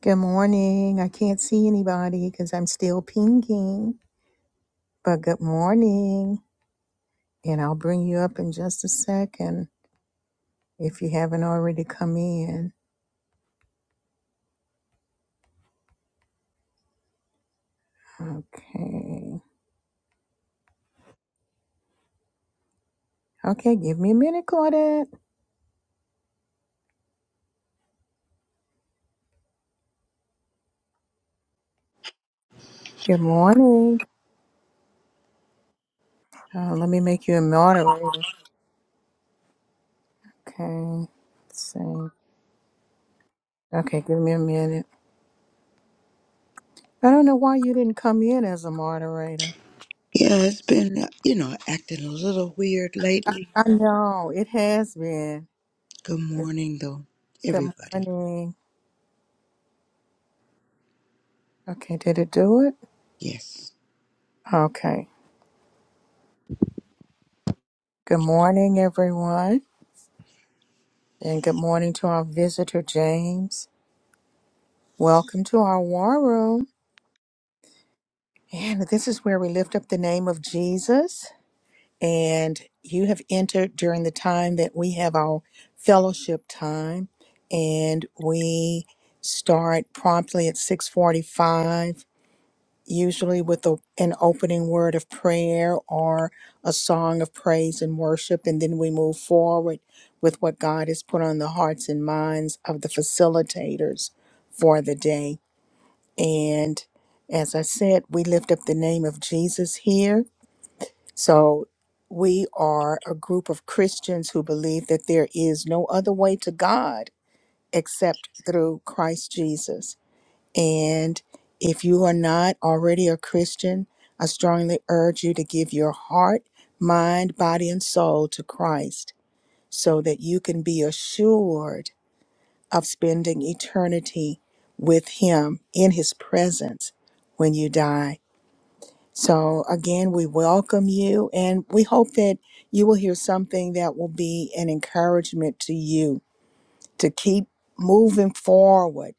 Good morning. I can't see anybody because I'm still pinging, but good morning. And I'll bring you up in just a second if you haven't already come in. Okay. Okay, give me a minute, Claudette. Good morning. Uh, let me make you a moderator. Okay. Same. Okay, give me a minute. I don't know why you didn't come in as a moderator. Yeah, it's been, you know, acting a little weird I, lately. I know it has been. Good It's, morning, though, good everybody. morning. Okay, did it do it? Yes. Okay. Good morning, everyone, and good morning to our visitor, James. Welcome to our war room. And this is where we lift up the name of Jesus. And you have entered during the time that we have our fellowship time, and we start promptly at 645 usually with a, an opening word of prayer or a song of praise and worship, and then we move forward with what God has put on the hearts and minds of the facilitators for the day. And as I said, we lift up the name of Jesus here. So we are a group of Christians who believe that there is no other way to God except through Christ Jesus. And if you are not already a Christian, I strongly urge you to give your heart, mind, body, and soul to Christ so that you can be assured of spending eternity with Him in His presence when you die. So, again, we welcome you and we hope that you will hear something that will be an encouragement to you to keep moving forward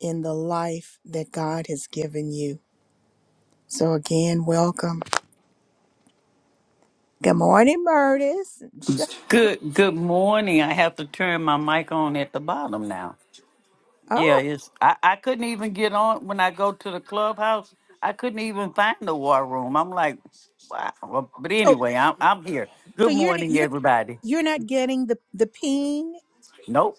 in the life that God has given you so again, welcome. Good morning, Murtis. Sh- Good good morning. I have to turn my mic on at the bottom now. Yeah, Oh, it's I, I couldn't even get on when I go to the clubhouse. I couldn't even find the war room. I'm like, wow. Well, But so anyway, I'm I'm here. so Good you're morning, you're everybody. you're not getting the the ping? Nope.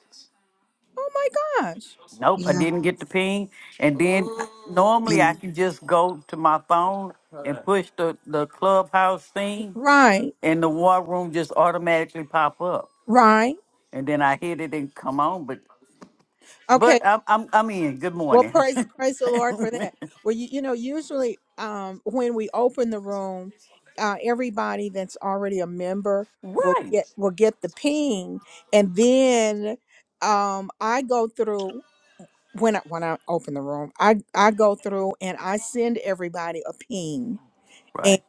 Oh my gosh! Nope. I Yeah. didn't get the ping. And then normally I And can just go to my phone and push the, the clubhouse thing Right, and the war room just automatically pop up. right. And then I hit it and come on, but Okay. But I'm I'm I'm in. Good Well, morning. praise praise the Lord for that. Well, you you know usually um when we open the room, uh, everybody that's already a member will right. get will get the ping, and then um I go through. when I, when I open the room, I I go through and I send everybody a ping, and Right.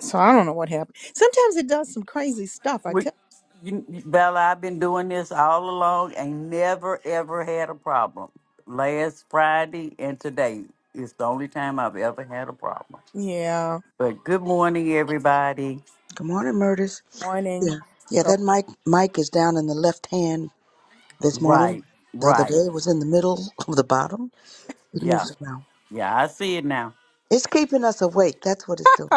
so I don't know what happened. Sometimes it does some crazy stuff. I We tell, you, Bella, I've been doing this all along and never ever had a problem. Last Friday and today is the only time I've ever had a problem. yeah, But good morning everybody. good morning, Murders. warning. Yeah. Yeah, So that mic mic is down in the left hand this morning. Right, The other right. day it was in the middle of the bottom. It Yeah. moves around. Yeah, I see it now. It's keeping us awake. That's what it's doing.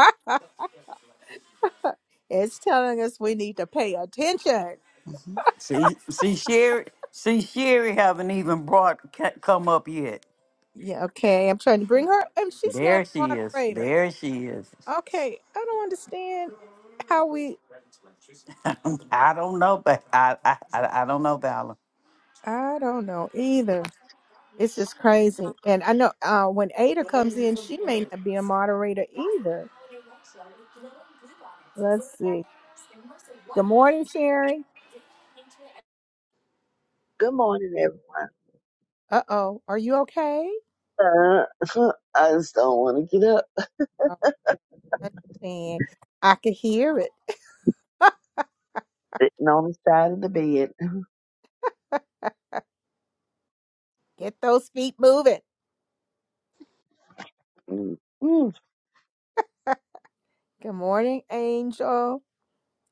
it's telling us we need to pay attention. hmm See see Sherry see Sherry haven't even brought ca- come up yet. Yeah, okay. I'm trying to bring her, and she's not There she a is. moderator. There she is. Okay, I don't understand how we. I don't know, but I, I, I I don't know, Valor. I don't know either. It's just crazy, and I know uh, when Ada comes in, she may not be a moderator either. Let's see. Good morning, Sherry. Good morning, everyone. Uh oh, are you okay? Uh, I just don't want to get up Oh, I understand. I could hear it. sitting on the side of the bed. Get those feet moving. Mm, mm. Good morning, Angel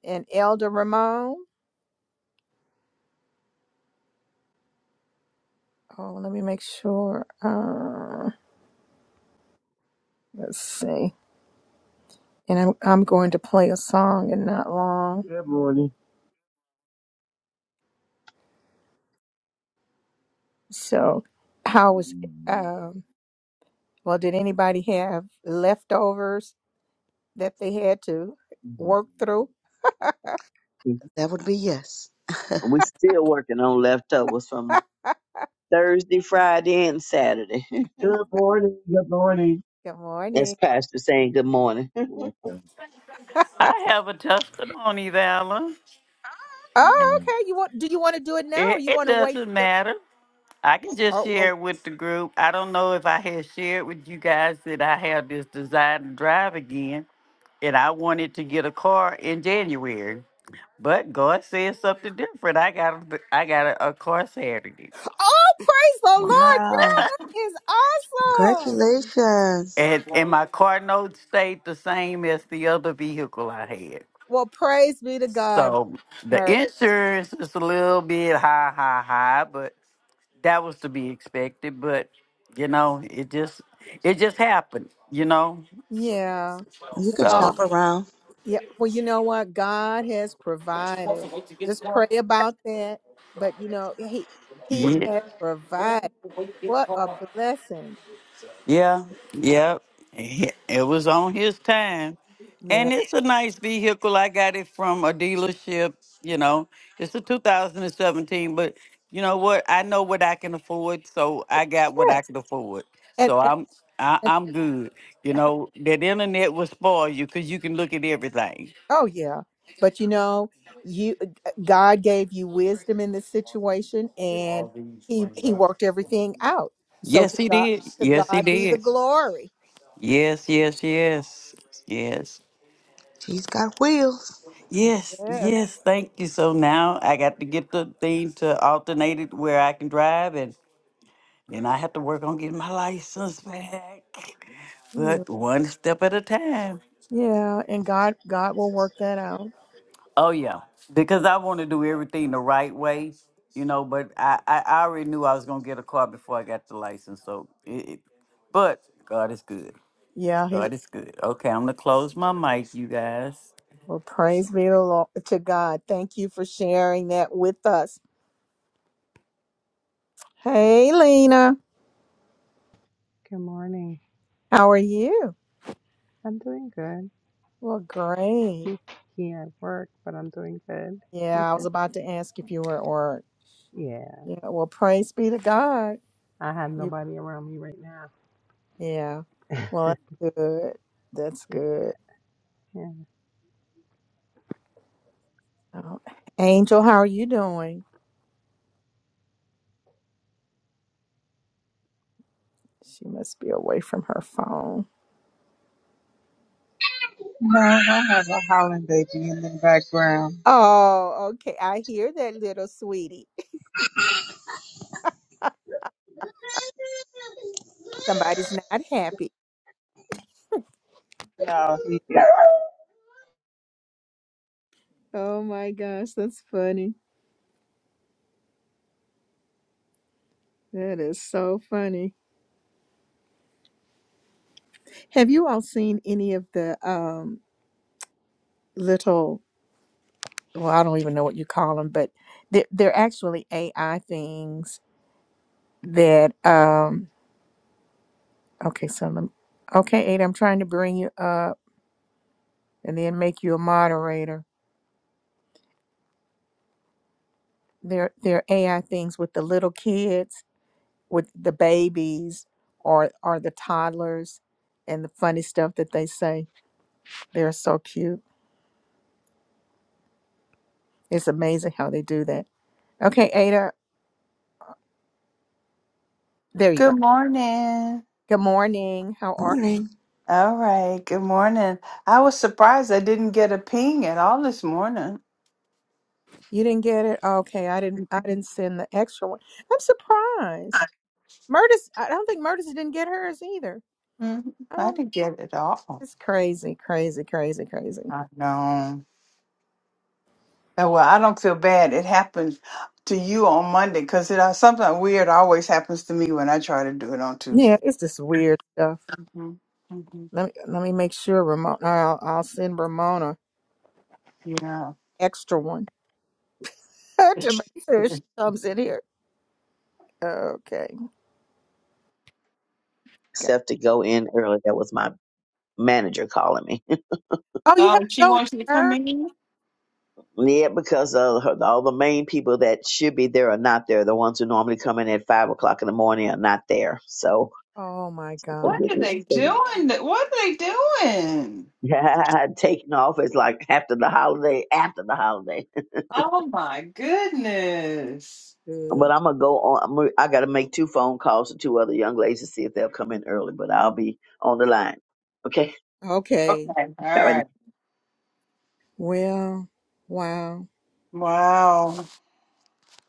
and Elder Ramon. Oh, let me make sure. Uh, let's see. And I'm I'm going to play a song in not long. Good morning. So, how was um? Well, did anybody have leftovers that they had to work through? That would be yes. We're still working on leftovers from Thursday, Friday, and Saturday. Good morning. Good morning. Good That's morning. Pastor saying good morning. I have a testimony, Valor. Oh, Mhm. okay. You want? Do you want to do it now, or It, you it want to wait doesn't till? matter. I can just oh, share well, it with the group. I don't know if I had shared with you guys that I have this desire to drive again, and I wanted to get a car in January. But God said something different. I got a, I got a, a car Saturday, Oh, praise the Lord, Wow. girl. That is awesome. Congratulations. and and my car note stayed the same as the other vehicle I had. Well, praise be to God, So the Murray. insurance is a little bit high, high, high, but that was to be expected. But you know, it just it just happened. You know, Yeah. You can Well, shop so around. yeah. Well, you know what? God has provided. Just pray about that. But you know, He He yeah. has provided. What a blessing. Yeah, yep. He- It was on his time. Yeah. And it's a nice vehicle. I got it from a dealership, you know. It's a 2017, but you know what? I know what I can afford, so I got what I Yes. can afford. And, So and, I'm I, I'm good. You and know, that internet will spoil you because you can look at everything. Oh yeah. But you know, you God gave you wisdom in this situation and he he worked everything out. So Yes, to he God did. to Yes, he God be the did. glory. Yes, yes, yes. Yes. She's got wheels. Yes, Yes. yes, thank you. So now I got to get the thing to alternate it where I can drive, and then I have to work on getting my license back. Yeah, But one step at a time. Yeah, and God God will work that out. Oh yeah, because I want to do everything the right way, you know. But I, I, I already knew I was gonna get a car before I got the license. So, it, it, but God is good. Yeah, he God is good. Okay, I'm gonna close my mic, you guys. well praise be the Lord to God. Thank you for sharing that with us. Hey Lena, Good morning. how are you? I'm doing good. Well, great. I'm here at work, but I'm doing good. Yeah, I was about to ask if you were at work. Yeah, Yeah, well praise be to God. I have nobody around me right now. Yeah. Well, that's good. That's Yeah, good. yeah. Oh, Angel, how are you doing? She must be away from her phone. No, I have a howling baby in the background. Oh, okay. I hear that little sweetie. Somebody's not happy. No, he, Oh my gosh, that's funny. That is so funny. Have you all seen any of the um little well, I don't even know what you call them, but they're, they're actually AI things that um okay, so let me, okay, Ada, I'm trying to bring you up. and then make you a moderator. There, there are AI things with the little kids, with the babies, or or the toddlers, and the funny stuff that they say. They're so cute. It's amazing how they do that. Okay, Ada, there you go. Good morning. Good morning. How are Morning. All right. Good morning. I was surprised I didn't get a ping at all this morning. you? You didn't get it? Okay, I didn't. I didn't send the extra one. I'm surprised. Murtis, I don't think Murtis didn't get hers either. Mhm. I I don't. didn't get it at all. It's crazy, crazy, crazy, crazy. I know. Oh, Well, I don't feel bad. It happened to you on Monday because it uh, something weird always happens to me when I try to do it on Yeah, Tuesday. it's just weird stuff. hmm hmm Let me, let me make sure Ramona. I'll, I'll send Ramona Yeah. extra one to make sure she comes in here. Okay. Got- Except to go in early. That was my manager calling me. Oh, you have oh, to she go in wants you to come her. in. yeah, because uh, her, all the main people that should be there are not there. The ones who normally come in at 5 o'clock in the morning are not there. So, Oh my What God. are they doing? What are they doing? Yeah, taking off is like after the holiday, after the holiday. Oh my goodness. But Good. I'm gonna go on. I'm gonna, I gotta make two phone calls to two other young ladies to see if they'll come in early. But I'll be on the line. Okay. Okay. Okay. All All right. right. Well. Wow. Wow.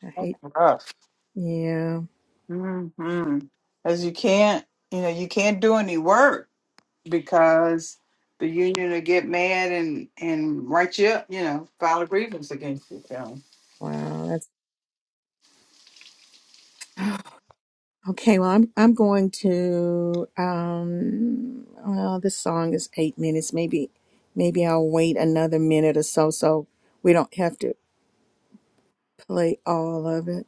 I That's hate. rough. Yeah. Mm-hmm. As you can't, you know, you can't do any work because the union will get mad and and write you up, you know, file a grievance against you. So. Wow. That's okay. Well, I'm I'm going to. Um. Well, this song is eight minutes. Maybe maybe I'll wait another minute or so so we don't have to play all of it.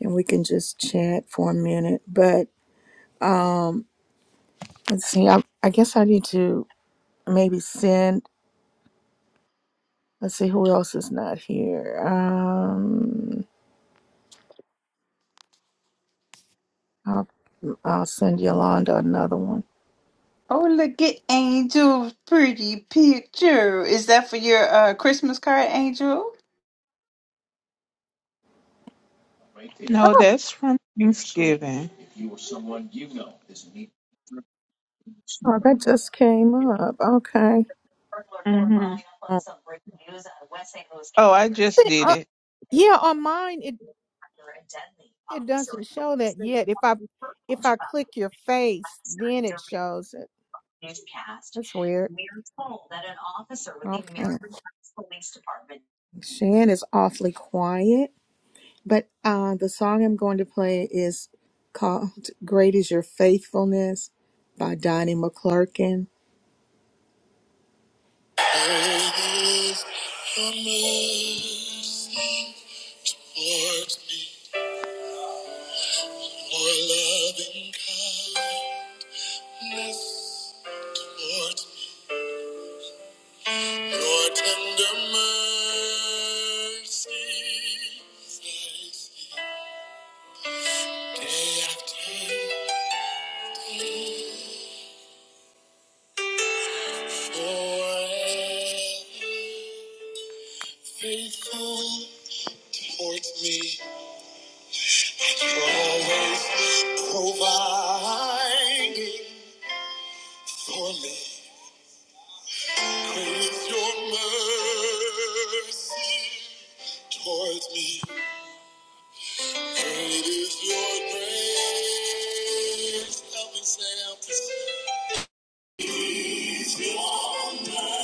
and we can just chat for a minute. But um, let's see. I, I guess I need to maybe send. Let's see who else is not here. Um, I'll, I'll send Yolanda another one. Oh, look at Angel's pretty picture. Is that for your uh, Christmas card, Angel? no, Oh, that's from Thanksgiving. oh, that just came up. Okay. hmm Uh, Oh, I just See, did uh, it. yeah, on mine it it doesn't show that yet. If I if I click your face, then it shows it. That's weird. Okay. Shan is awfully quiet. But uh, the song I'm going to play is called Great is Your Faithfulness by Donnie McClurkin. Great is your mercy towards me, your loving kindness towards me, your tender mercies I see day after day. Forever faithful towards me, you're always providing for me. Great is your mercy towards me. Great is your grace. Help me say out Great is your mercy,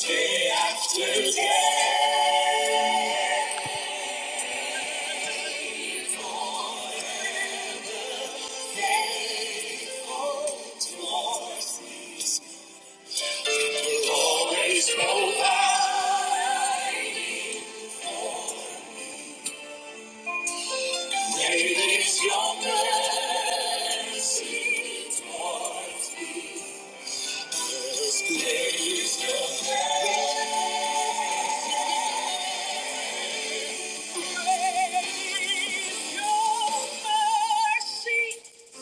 day after day. You always provide. Great is your mercy. Great is your mercy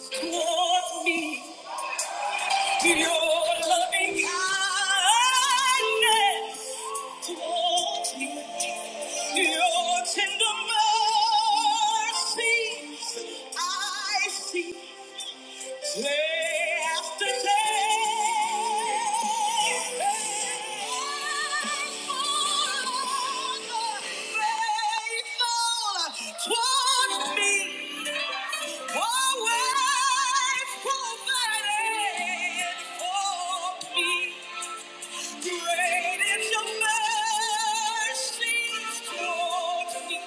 toward me. Your loving kindness toward me. Your tender mercies I see. Day after day, grateful toward me. Always provided for me. Great is your mercy toward me.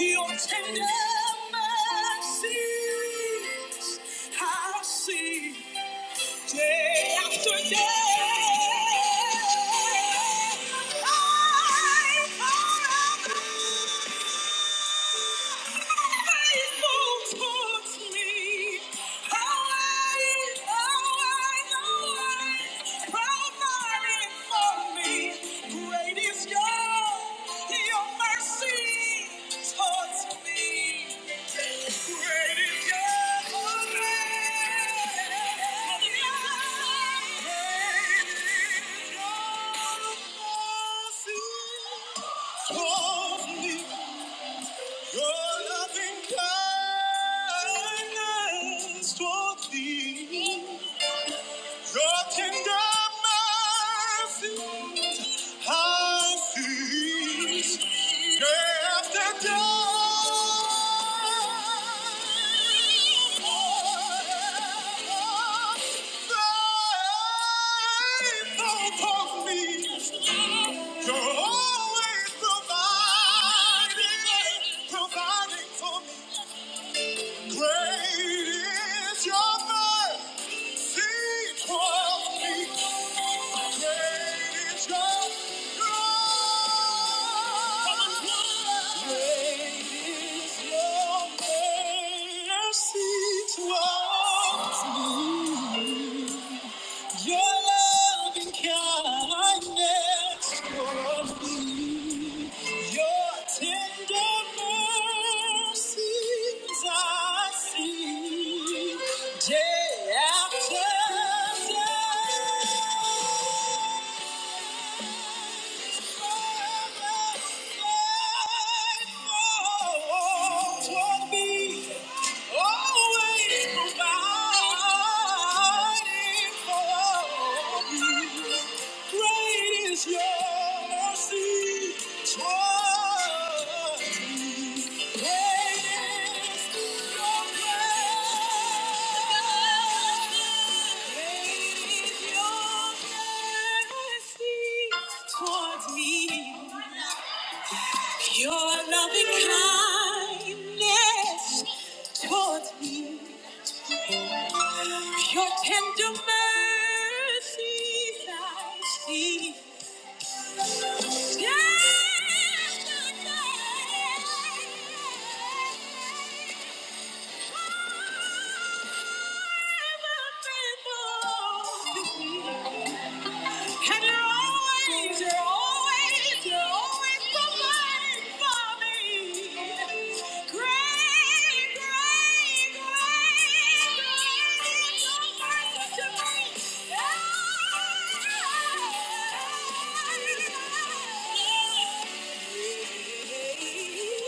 Your tender mercies I see. Day after day, I'm forever faithful towards me. always, always, always providing for me. Great is your, your mercy towards me. Your tender mercy, I see. After You're always providing, providing for me. Great is your faith. Your loving kindness for me. Your tender mercies I see day after day. Forever faithful Toward me, always providing for me. Great is your mercy toward me. Great is your grace. Great is your mercy toward me. Your loving kindness toward me, your tender mercies I see. Yeah. And you're always, you're always, you're always providing for me. Great, great, great,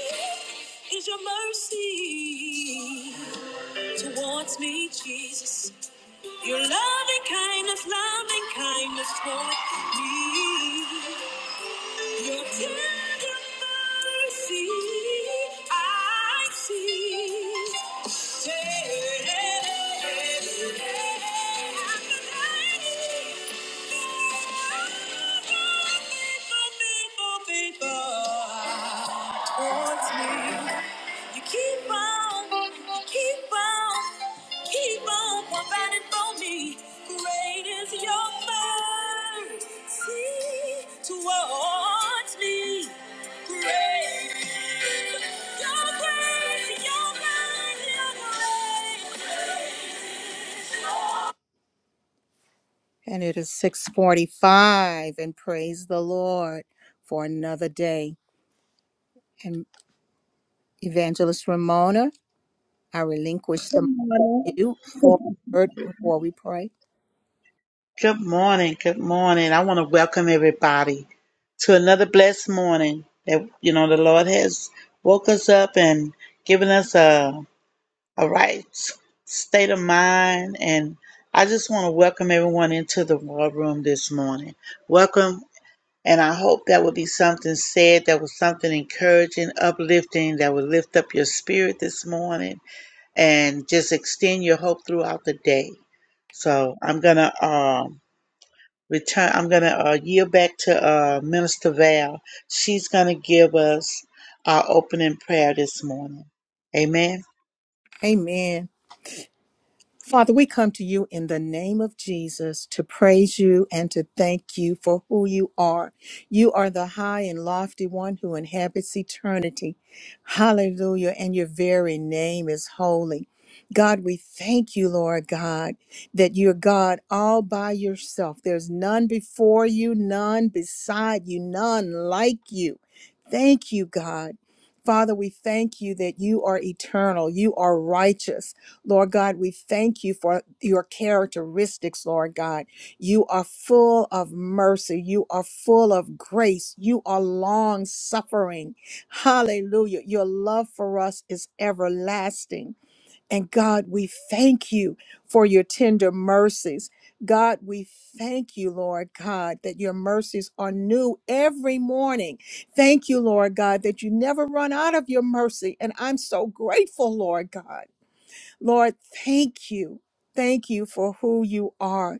Great Is your mercy towards me, Jesus. Your loving kindness, loving kindness toward me. Your tender mercy, I see. Faithful, faithful, faithful towards me. You keep on, you keep on. keep keep on providing for me. Great is your mercy towards me. Great is your grace, your mind, your grace. And it is 645 and praise the Lord for another day. And Evangelist Ramona, I relinquish the mic to morning. you for a word before we pray. Good morning. Good morning. I want to welcome everybody to another blessed morning that you know the Lord has woke us up and given us a a right s- state of mind and I just want to welcome everyone into the war room this morning. Welcome and I hope that would be something said that was something encouraging, uplifting that would lift up your spirit this morning and just extend your hope throughout the day. So I'm gonna um return. I'm going to uh, yield back to uh, Minister Val. She's going to give us our opening prayer this morning. Amen. Amen. Father, we come to you in the name of Jesus to praise you and to thank you for who you are. You are the high and lofty one who inhabits eternity. Hallelujah. And your very name is holy. God, we thank you, Lord God, that you're God all by yourself. There's none before you, none beside you, none like you. Thank you, God. Father, we thank you that you are eternal, you are righteous. Lord God, we thank you for your characteristics, Lord God. You are full of mercy. You are full of grace. You are long suffering. Hallelujah. Your love for us is everlasting. And God, we thank you for your tender mercies. God, we thank you, Lord God, that your mercies are new every morning. Thank you, Lord God, that you never run out of your mercy. And I'm so grateful, Lord God. Lord, thank you. Thank you for who you are.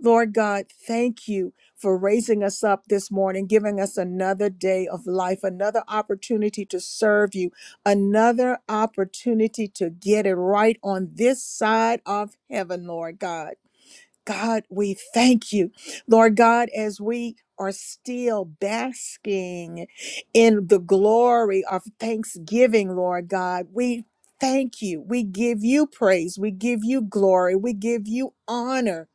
Lord God, thank you for raising us up this morning, giving us another day of life, another opportunity to serve you, another opportunity to get it right on this side of heaven, Lord God. God, we thank you. Lord God, as we are still basking in the glory of thanksgiving, Lord God, we thank you. We give you praise. We give you glory. We give you honor.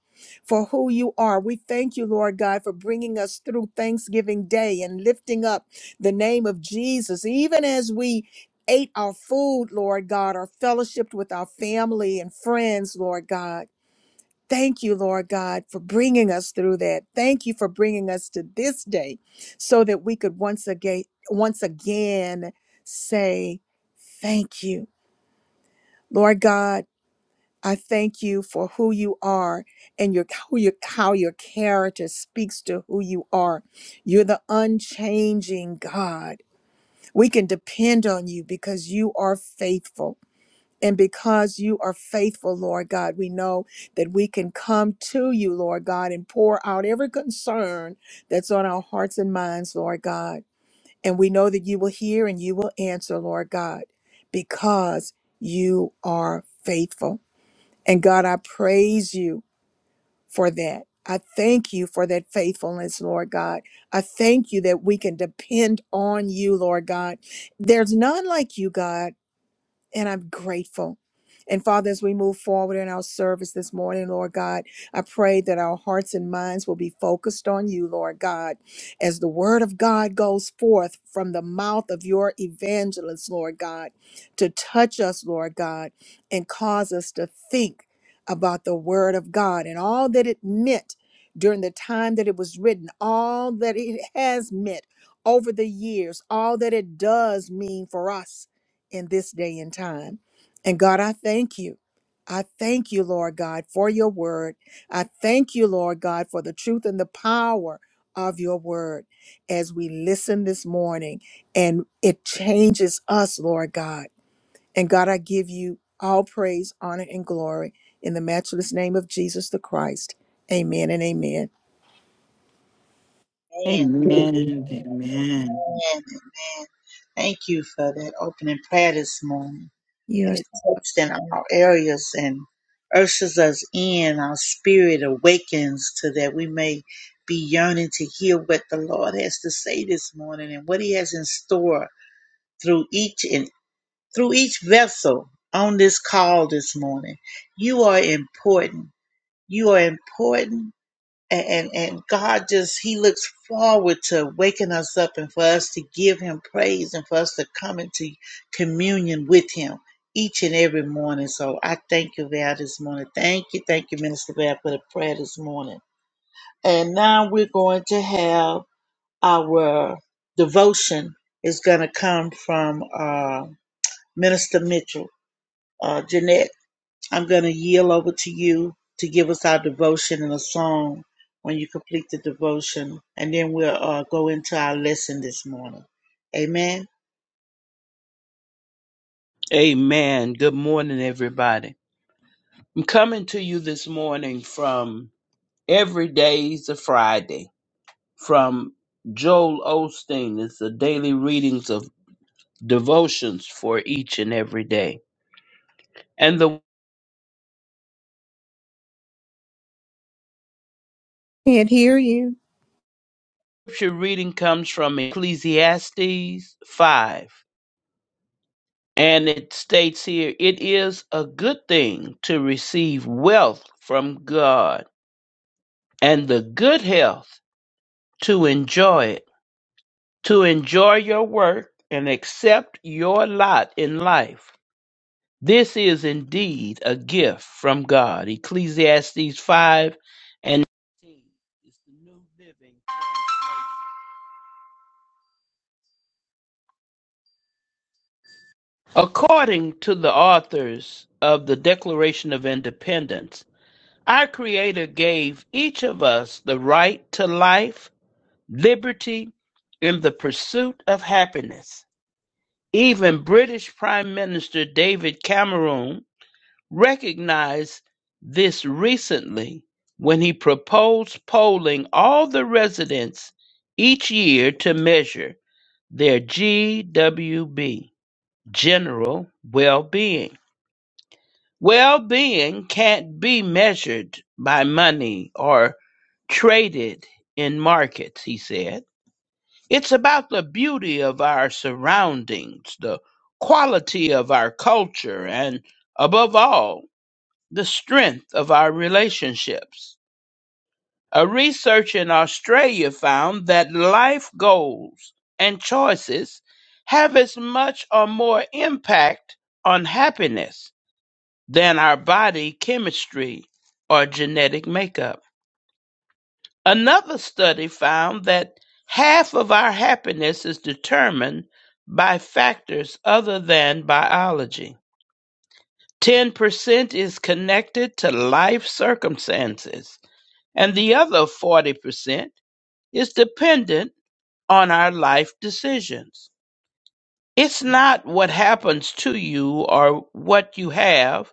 For who you are. We thank you, Lord God, for bringing us through Thanksgiving Day and lifting up the name of Jesus, even as we ate our food, Lord God, or fellowshiped with our family and friends, Lord God. Thank you, Lord God, for bringing us through that. Thank you for bringing us to this day so that we could once again once again say thank you. Lord God, I thank you for who you are and your how your how your character speaks to who you are. You're the unchanging God. We can depend on you because you are faithful. And because you are faithful, Lord God, we know that we can come to you, Lord God, and pour out every concern that's on our hearts and minds, Lord God. And we know that you will hear and you will answer, Lord God, because you are faithful. And God, I praise you for that. I thank you for that faithfulness, Lord God. I thank you that we can depend on you, Lord God. There's none like you, God and I'm grateful. And Father, as we move forward in our service this morning, Lord God, I pray that our hearts and minds will be focused on you, Lord God, as the word of God goes forth from the mouth of your evangelist, Lord God, to touch us, Lord God, and cause us to think about the word of God and all that it meant during the time that it was written, all that it has meant over the years, all that it does mean for us in this day and time. And God, I thank you. I thank you, Lord God, for your word. I thank you, Lord God, for the truth and the power of your word as we listen this morning and it changes us, Lord God. And God, I give you all praise, honor, and glory in the matchless name of Jesus the Christ. Amen and amen. Amen. Amen. Amen. Amen. Amen. Thank you for that opening prayer this morning. And Yes, it touched in all areas and ushers us in. Our spirit awakens to that we may be yearning to hear what the Lord has to say this morning and what He has in store through each and through each vessel on this call this morning. You are important. You are important. And, and, and God just, He looks forward to waking us up and for us to give Him praise and for us to come into communion with Him each and every morning. So I thank you, Val, this morning. Thank you. Thank you, Minister Val, for the prayer this morning. And now we're going to have our devotion is going to come from uh, Minister Mitchell. Uh, Jeanette, I'm going to yield over to you to give us our devotion and a song when you complete the devotion, and then we'll uh, go into our lesson this morning. Amen. Amen. Good morning, everybody. I'm coming to you this morning from Every Day's a Friday from Joel Osteen. It's the daily readings of devotions for each and every day. And the can't hear you. scripture reading comes from Ecclesiastes 5. And it states here, it is a good thing to receive wealth from God and the good health to enjoy it to enjoy your work and accept your lot in life. This is indeed a gift from God. Ecclesiastes 5 and 19 is the New Living Translation. According to the authors of the Declaration of Independence, our Creator gave each of us the right to life, liberty, and the pursuit of happiness. Even British Prime Minister David Cameron recognized this recently when he proposed polling all the residents each year to measure their GWB, general well being. Well being can't be measured by money or traded in markets, he said. It's about the beauty of our surroundings, the quality of our culture, and above all, the strength of our relationships. A research in Australia found that life goals and choices have as much or more impact on happiness than our body chemistry or genetic makeup. Another study found that half of our happiness is determined by factors other than biology. 10% is connected to life circumstances and the other 40% is dependent on our life decisions. It's not what happens to you or what you have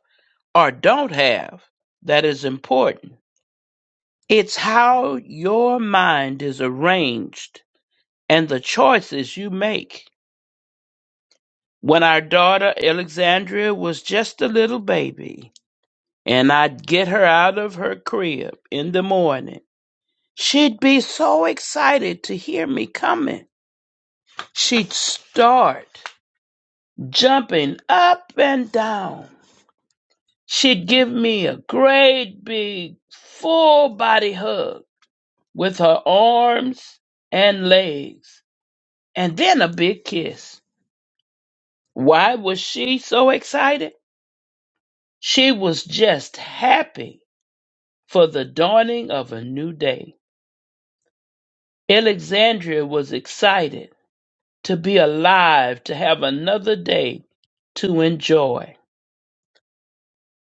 or don't have that is important. It's how your mind is arranged and the choices you make. When our daughter Alexandria was just a little baby, and I'd get her out of her crib in the morning, she'd be so excited to hear me coming She'd start jumping up and down. She'd give me a great big full body hug with her arms and legs, and then a big kiss. Why was she so excited? She was just happy for the dawning of a new day. Alexandria was excited to be alive, to have another day to enjoy.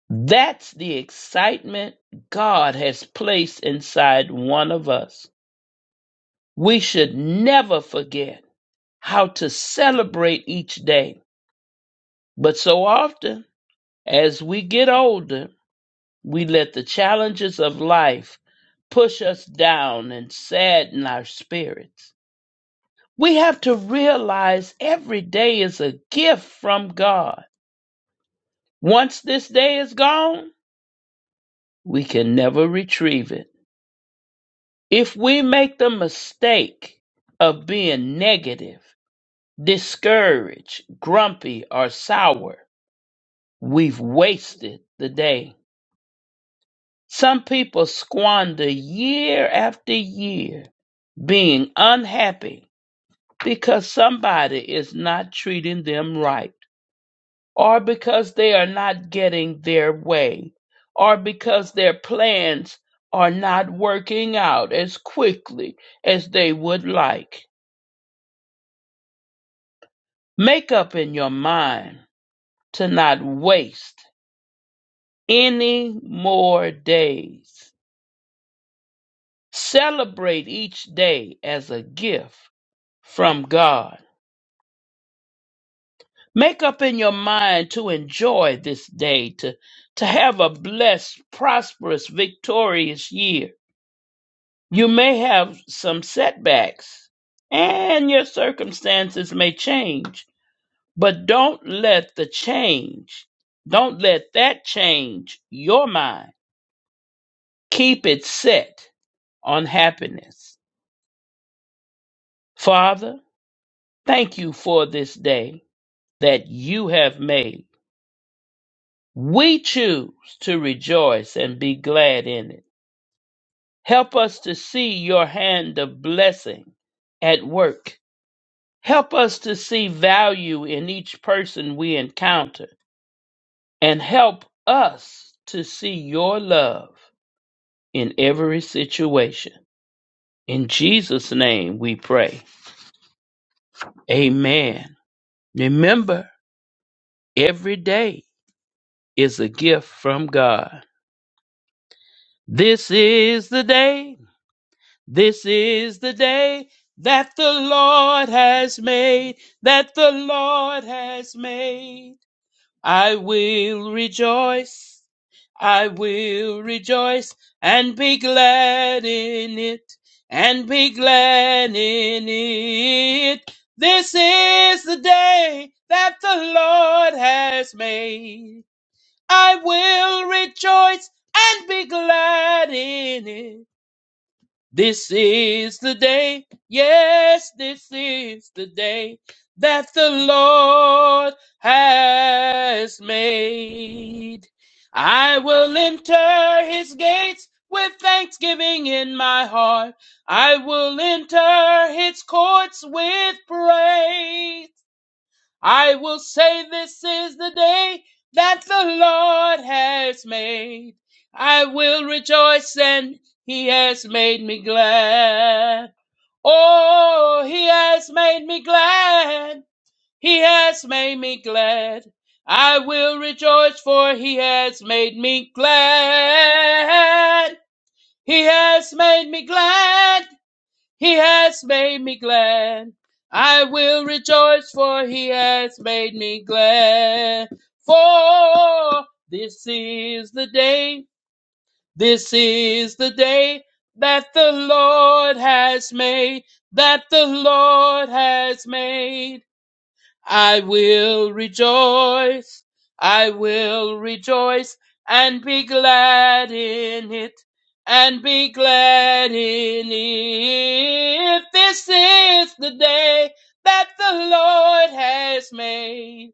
That's the excitement God has placed inside one of us. We should never forget how to celebrate each day. But so often, as we get older, we let the challenges of life push us down and sadden our spirits. We have to realize every day is a gift from God. Once this day is gone, we can never retrieve it. If we make the mistake of being negative, discouraged, grumpy, or sour, we've wasted the day. Some people squander year after year being unhappy because somebody is not treating them right, or because they are not getting their way, or because their plans are not working out as quickly as they would like. Make up in your mind to not waste any more days. Celebrate each day as a gift from God. Make up in your mind to enjoy this day, to, to have a blessed, prosperous, victorious year. You may have some setbacks and your circumstances may change, but don't let the change, don't let that change your mind Keep it set on happiness. Father, thank you for this day that you have made. We choose to rejoice and be glad in it. Help us to see your hand of blessing at work. Help us to see value in each person we encounter and help us to see your love in every situation. In Jesus' name we pray. Amen. Remember, Every day is a gift from God. This is the day. This is the day that the Lord has made. That the Lord has made. I will rejoice. I will rejoice and be glad in it. And be glad in it. This is the day that the Lord has made. I will rejoice and be glad in it. This is the day, yes, this is the day that the Lord has made. I will enter his gates with thanksgiving in my heart. I will enter his courts with praise. I will say this is the day that the Lord has made. I will rejoice and he has made me glad. Oh, he has made me glad. He has made me glad. I will rejoice for he has made me glad. He has made me glad. He has made me glad. I will rejoice, for he has made me glad. For this is the day, this is the day that the Lord has made, that the Lord has made. I will rejoice, I will rejoice and be glad in it, and be glad in it. This is the day that the Lord has made.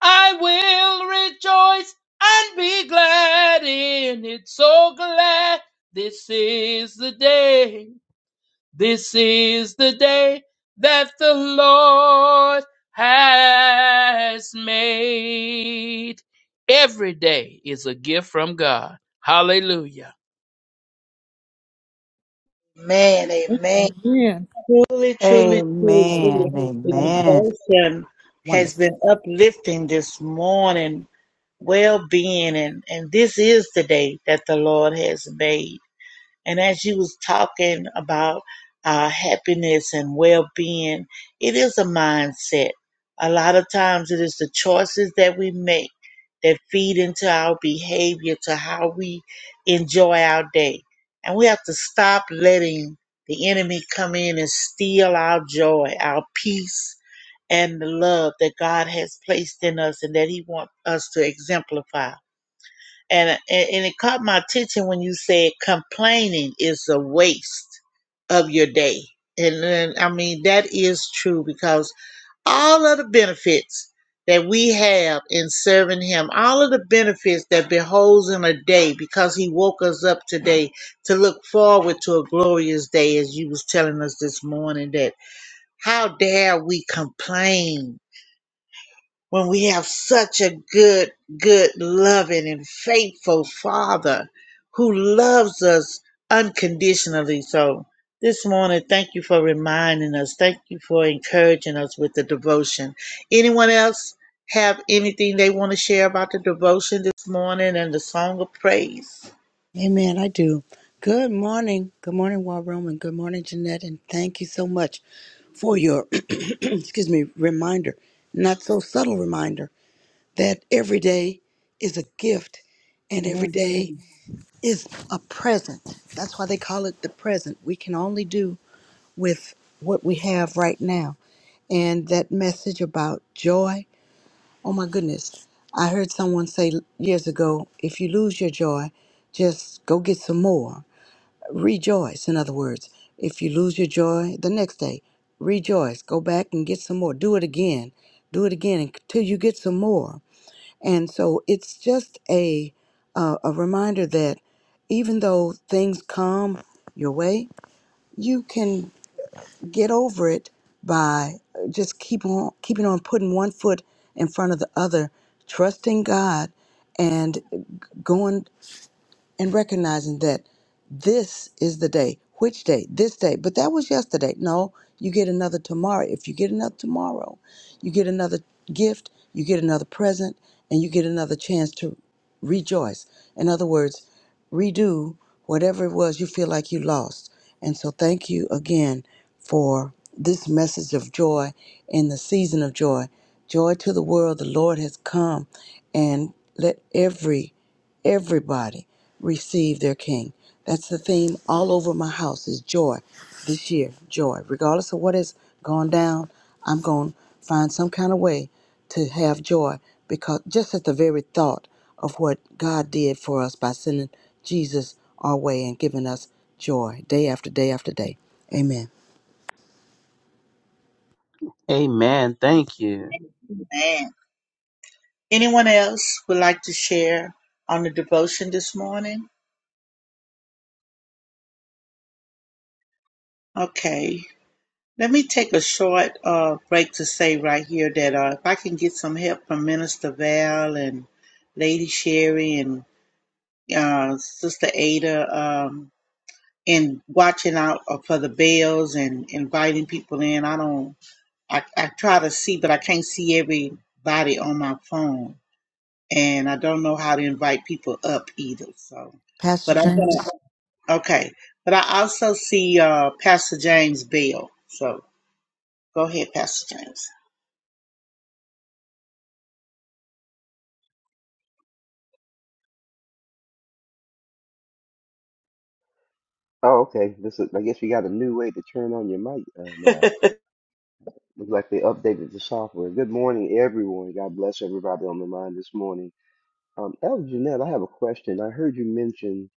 I will rejoice and be glad in it, so glad this is the day. This is the day that the Lord has made. Every day is a gift from God. Hallelujah. Amen. Amen. Amen. Truly, truly, truly, Amen. the Amen. devotion has been uplifting this morning, well being, and, and this is the day that the Lord has made And as you was talking about uh, happiness and well-being, it is a mindset. A lot of times, it is the choices that we make that feed into our behavior, to how we enjoy our day. And we have to stop letting the enemy come in and steal our joy, our peace, and the love that God has placed in us and that He wants us to exemplify and and and it caught my attention when you said complaining is a waste of your day and then i mean that is true because all of the benefits that we have in serving him all of the benefits that beholds in a day because he woke us up today to look forward to a glorious day as you was telling us this morning that how dare we complain when we have such a good, good, loving, and faithful Father who loves us unconditionally. So, this morning, thank you for reminding us. Thank you for encouraging us with the devotion. Anyone else have anything they want to share about the devotion this morning and the song of praise? Amen. I do. Good morning. Good morning, War Room, and good morning, Jeanette. And thank you so much for your, excuse me, reminder, not so subtle reminder, that every day is a gift and every Mhm. day is a present. That's why they call it the present. We can only do with what we have right now. And that message about joy, oh my goodness. I heard someone say years ago if you lose your joy, just go get some more rejoice. In other words, if you lose your joy the next day, rejoice. Go back and get some more. Do it again. Do it again until you get some more. And so it's just a uh, a reminder that even though things come your way, you can get over it by uh, just keep on keeping on putting one foot in front of the other, trusting God and going and recognizing that this is the day. Which day? This day. But that was yesterday. No, you get another tomorrow. If you get another tomorrow, you get another gift, you get another present, and you get another chance to rejoice. In other words, redo whatever it was you feel like you lost. And so, thank you again for this message of joy in the season of joy. Joy to the world, the Lord has come, and let every everybody receive their king. That's the theme all over my house is joy this year, joy. Regardless of what has gone down, I'm going to find some kind of way to have joy because just at the very thought of what God did for us by sending Jesus our way and giving us joy day after day after day. Amen. Amen. Thank you. Man. Anyone else would like to share on the devotion this morning? Okay. Let me take a short uh, break to say right here that uh, if I can get some help from Minister Val and Lady Sherry and uh, Sister Ada um, in watching out for the bells and inviting people in, I don't, I, I try to see, but I can't see everybody on my phone. And I don't know how to invite people up either. So, Pastor but I'm James, going to Okay. But I also see uh, Pastor James Bell. So go ahead, Pastor James. Oh, okay. This is, I guess we got a new way to turn on your mic uh, now. Looks like they updated the software. Good morning, everyone. God bless everybody on the line this morning. Um, Elder Jeanette, I have a question. I heard you mention,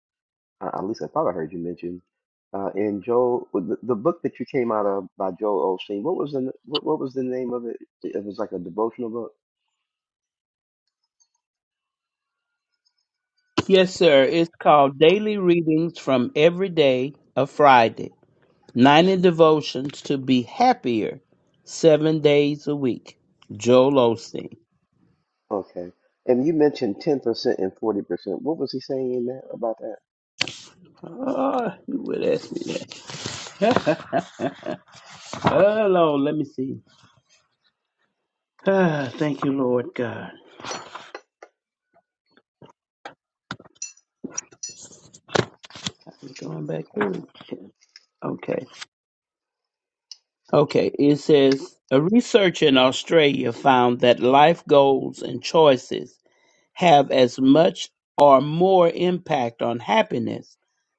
uh, at least I thought I heard you mention, uh, in Joel, the, the book that you came out of by Joel Osteen. What was the what, what was the name of it? It was like a devotional book. Yes, sir. It's called Daily Readings from Every Day of Friday. 90 Devotions to Be Happier, seven days a week. Joel Osteen. Okay. And you mentioned 10% and 40%. What was he saying in that about that? Oh, you would ask me that. Hello, let me see. Ah, thank you, Lord God. I'm going back through. Okay. Okay. It says a research in Australia found that life goals and choices have as much or more impact on happiness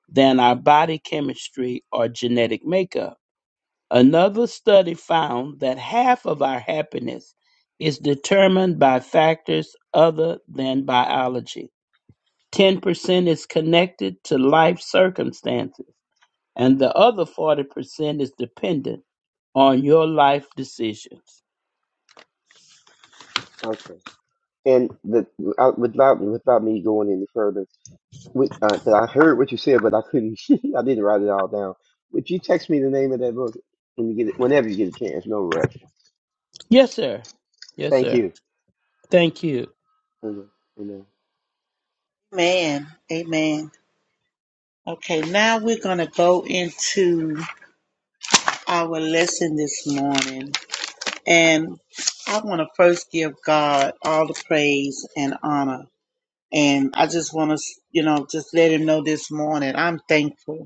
than our body chemistry or genetic makeup. Another study found that half of our happiness is determined by factors other than biology. 10% is connected to life circumstances. and the other 40% is dependent on your life decisions. Okay. And the, I- without without me going any further, Because uh 'cause I heard what you said, but I couldn't. I didn't write it all down. Would you text me the name of that book when you get it, whenever you get a chance? No rush. Yes, sir. Yes, Thank sir. you. Thank you. Amen. Amen. Amen. Okay, now we're going to go into our lesson this morning. And I want to first give God all the praise and honor. And I just want to, you know, just let him know this morning I'm thankful.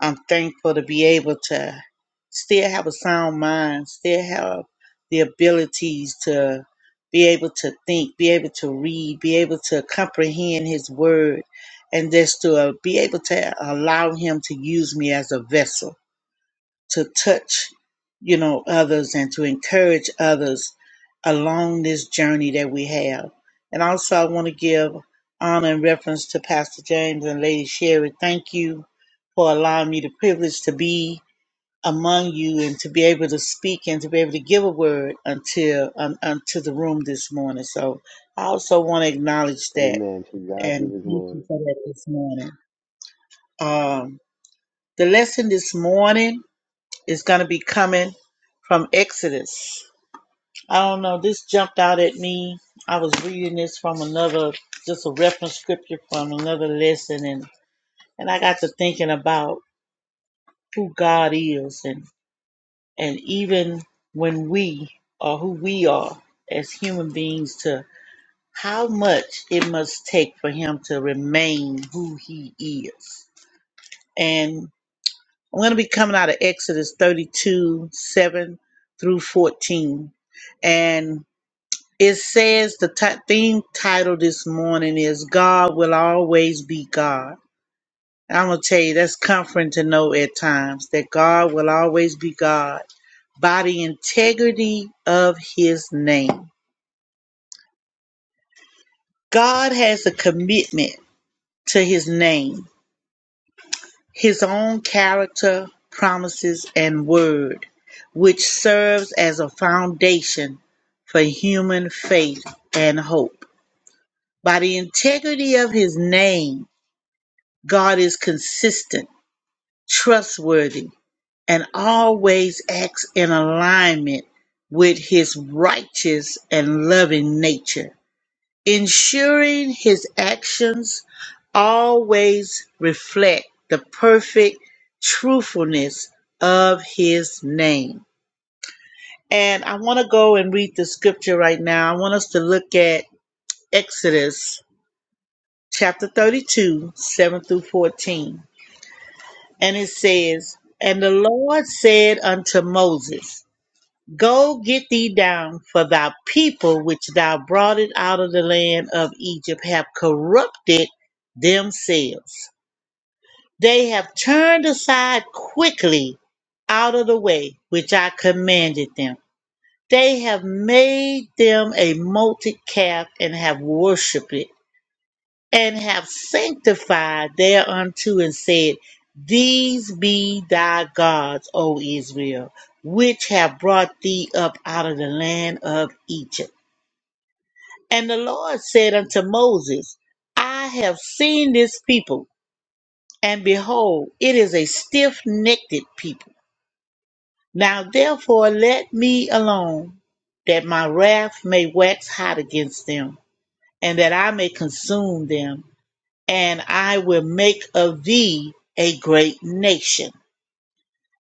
I'm thankful to be able to still have a sound mind, still have the abilities to be able to think, be able to read, be able to comprehend His Word, and just to uh, be able to allow Him to use me as a vessel to touch, you know, others and to encourage others along this journey that we have. And also, I want to give honor and reference to Pastor James and Lady Sherry. Thank you for allowing me the privilege to be among you and to be able to speak and to be able to give a word until un, unto the room this morning. So I also want to acknowledge that Amen. To God be and the thank you glory. for that this morning. Um, the lesson this morning is going to be coming from Exodus. I don't know. This jumped out at me. I was reading this from another, just a reference scripture from another lesson, and and I got to thinking about who God is, and and even when we are who we are as human beings, to how much it must take for Him to remain who He is, and. I'm going to be coming out of Exodus 32 7 through 14. And it says the ti- theme title this morning is God Will Always Be God. I'm going to tell you, that's comforting to know at times that God will always be God by the integrity of his name. God has a commitment to his name. His own character, promises, and word, which serves as a foundation for human faith and hope. By the integrity of his name, God is consistent, trustworthy, and always acts in alignment with his righteous and loving nature. Ensuring his actions always reflect the perfect truthfulness of his name. And I want to go and read the scripture right now. I want us to look at Exodus chapter 32, 7 through 14. And it says, And the Lord said unto Moses, Go get thee down, for thy people which thou broughtest out of the land of Egypt have corrupted themselves. They have turned aside quickly out of the way which I commanded them. They have made them a molten calf and have worshipped it and have sanctified thereunto and said, These be thy gods, O Israel, which have brought thee up out of the land of Egypt. And the Lord said unto Moses, I have seen this people, and behold, it is a stiff necked people. Now therefore let me alone, that my wrath may wax hot against them, and that I may consume them and I will make of thee a great nation.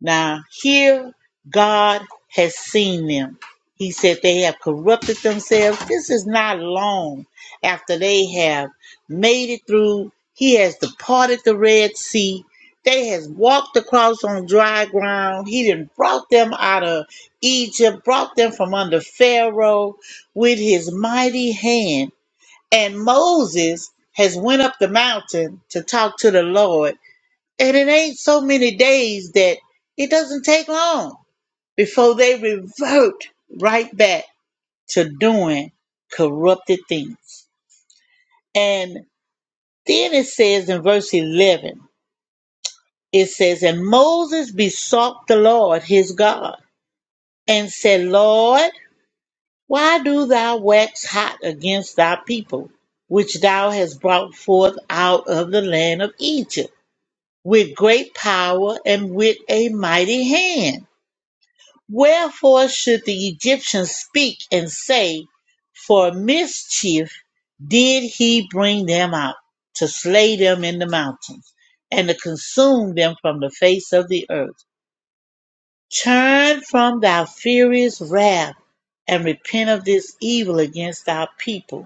Now, here God has seen them. He said they have corrupted themselves. This is not long after they have made it through. He has departed the Red Sea. They has walked across on dry ground. He done brought them out of Egypt, brought them from under Pharaoh with his mighty hand and Moses has went up the mountain to talk to the Lord, and it ain't so many days that it doesn't take long before they revert right back to doing corrupted things. And then it says in verse 11, it says, And Moses besought the Lord his God and said, Lord, why do thou wax hot against thy people, which thou hast brought forth out of the land of Egypt? with great power and with a mighty hand. Wherefore should the Egyptians speak and say, For mischief did he bring them out, to slay them in the mountains, and to consume them from the face of the earth? Turn from thy furious wrath, and repent of this evil against our people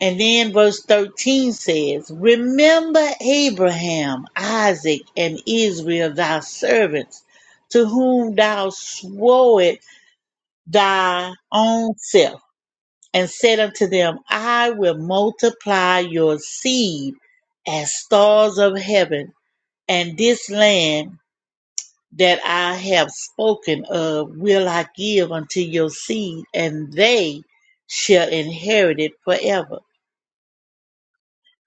and then verse 13 says, Remember Abraham, Isaac, and Israel, thy servants, to whom thou swore it thy own self, and said unto them, I will multiply your seed as stars of heaven, and this land that I have spoken of will I give unto your seed, and they shall inherit it forever.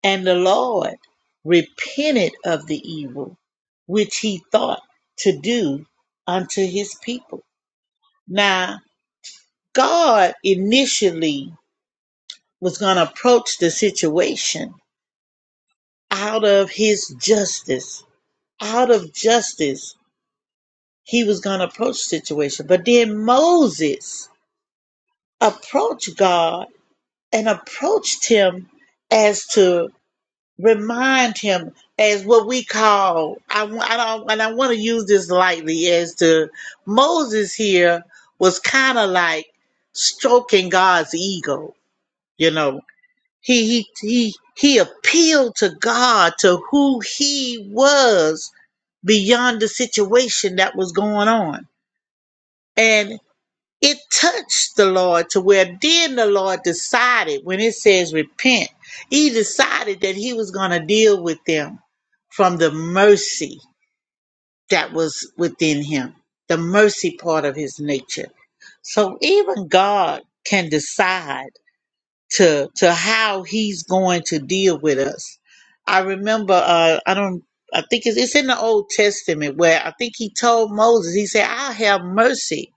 And the Lord repented of the evil which he thought to do unto his people. Now, God initially was going to approach the situation out of his justice. Out of justice, he was going to approach the situation. But then Moses approached God and approached him as to remind him as what we call I, w- I don't and I want to use this lightly as to Moses here was kind of like stroking God's ego, you know. He he he he appealed to God to who he was beyond the situation that was going on. and. It touched the Lord to where then the Lord decided, when it says repent, he decided that he was going to deal with them from the mercy that was within him, the mercy part of his nature. So even God can decide to to how He's going to deal with us. I remember, uh, I don't, I think it's, it's in the Old Testament where I think He told Moses, He said, "I'll have mercy."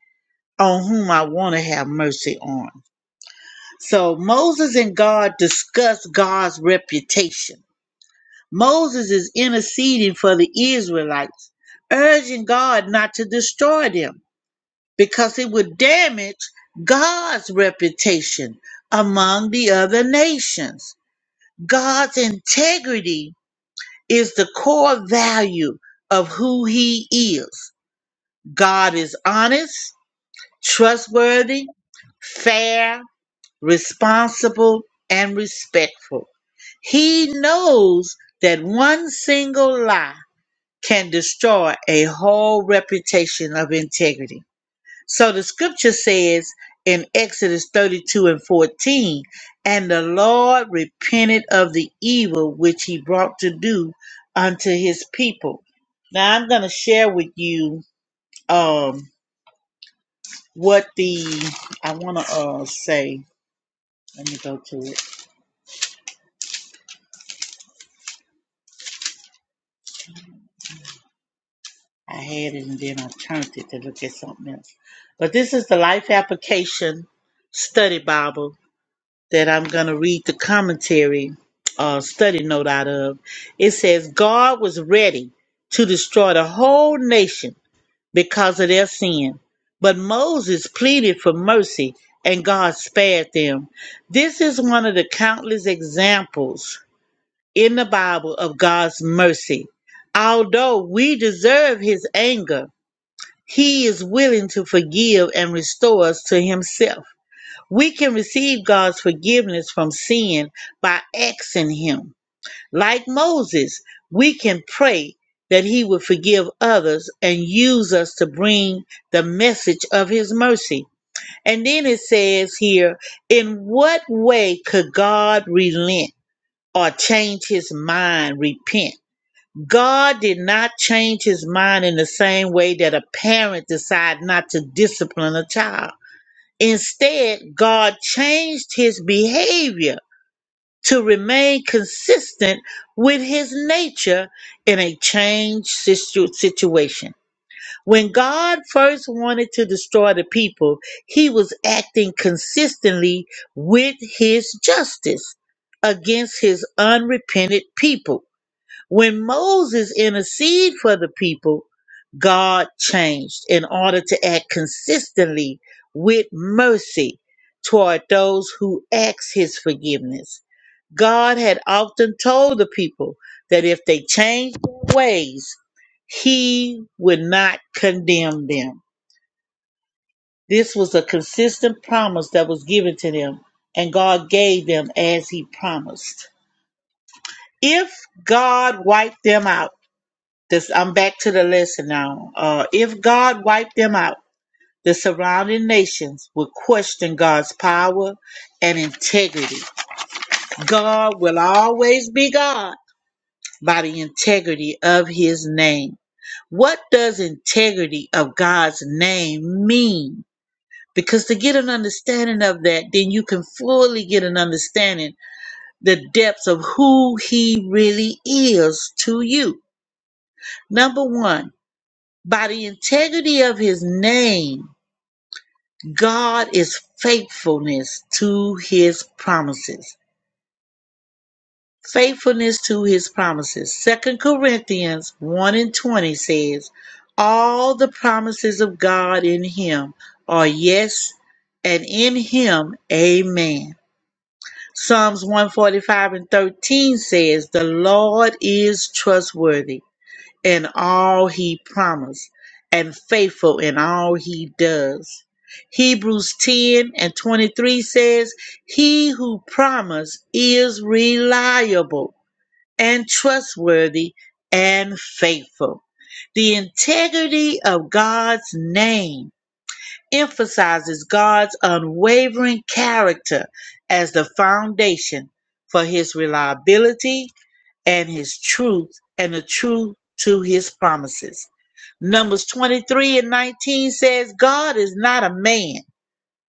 on whom I want to have mercy on. So Moses and God discuss God's reputation. Moses is interceding for the Israelites, urging God not to destroy them because it would damage God's reputation among the other nations. God's integrity is the core value of who he is. God is honest, trustworthy, fair, responsible, and respectful. He knows that one single lie can destroy a whole reputation of integrity. So the scripture says in Exodus 32 and 14, and the Lord repented of the evil which he brought to do unto his people. Now I'm going to share with you um, what the, I want to uh, say, let me go to it I had it and then I turned it to look at something else. But this is the Life Application Study Bible that I'm going to read the commentary uh, study note out of. It says, God was ready to destroy the whole nation because of their sin, but Moses pleaded for mercy and God spared them. This is one of the countless examples in the Bible of God's mercy. Although we deserve his anger, he is willing to forgive and restore us to Himself. We can receive God's forgiveness from sin by asking Him. Like Moses, we can pray that He would forgive others and use us to bring the message of His mercy. And then it says here, in what way could God relent or change His mind, repent? God did not change his mind in the same way that a parent decides not to discipline a child. Instead, God changed his behavior to remain consistent with his nature in a changed situ- situation. When God first wanted to destroy the people, he was acting consistently with his justice against his unrepentant people when Moses interceded for the people, God changed in order to act consistently with mercy toward those who asked his forgiveness. God had often told the people that if they changed their ways, he would not condemn them. This was a consistent promise that was given to them, and God gave them as he promised. If God wiped them out, This, I'm back to the lesson now. Uh, if God wiped them out, the surrounding nations would question God's power and integrity. God will always be God by the integrity of his name. What does integrity of God's name mean? Because to get an understanding of that, then you can fully get an understanding the depths of who he really is to you. Number one. By the integrity of his name, God is faithfulness to his promises. Faithfulness to his promises. Second Corinthians 1 and 20 says, All the promises of God in him are yes, and in him, amen. Psalms 145 and 13 says, The Lord is trustworthy in all he promised and faithful in all he does. Hebrews 10 and 23 says, He who promised is reliable and trustworthy and faithful. The integrity of God's name emphasizes God's unwavering character as the foundation for his reliability and his truth and the truth to his promises. Numbers 23 and 19 says, God is not a man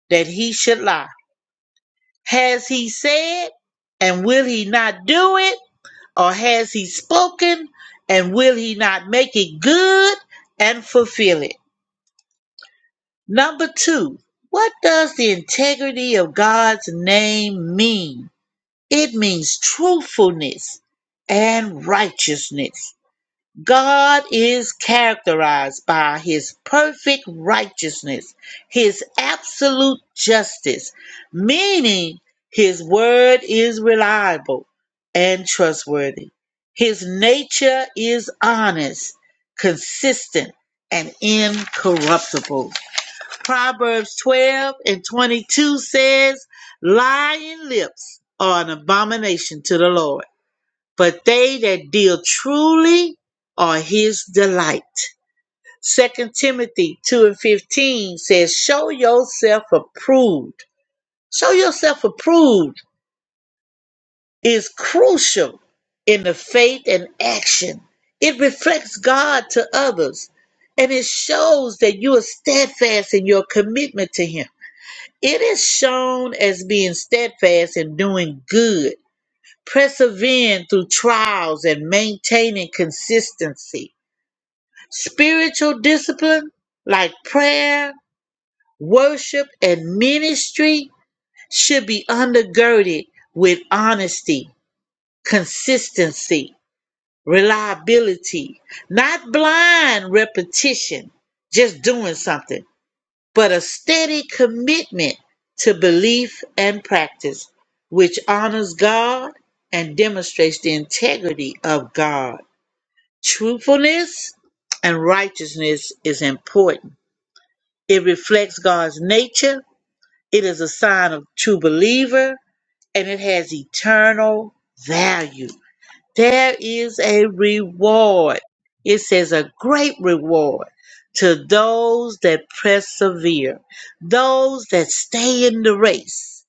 that he should lie. Has he said, and will he not do it? Or has he spoken, and will he not make it good and fulfill it? Number two, what does the integrity of God's name mean? It means truthfulness and righteousness. God is characterized by his perfect righteousness, his absolute justice, meaning his word is reliable and trustworthy. His nature is honest, consistent, and incorruptible. Proverbs 12 and 22 says, Lying lips are an abomination to the Lord but they that deal truly are his delight. Second Timothy 2 and 15 says, Show yourself approved. Show yourself approved is crucial in the faith and action. It reflects God to others and it shows that you are steadfast in your commitment to Him. It is shown as being steadfast in doing good persevering through trials and maintaining consistency. Spiritual discipline like prayer, worship, and ministry should be undergirded with honesty, consistency, reliability, not blind repetition, just doing something but a steady commitment to belief and practice, which honors God and demonstrates the integrity of God. Truthfulness and righteousness is important. It reflects God's nature, it is a sign of true believer, and it has eternal value. There is a reward. It says a great reward to those that persevere, those that stay in the race.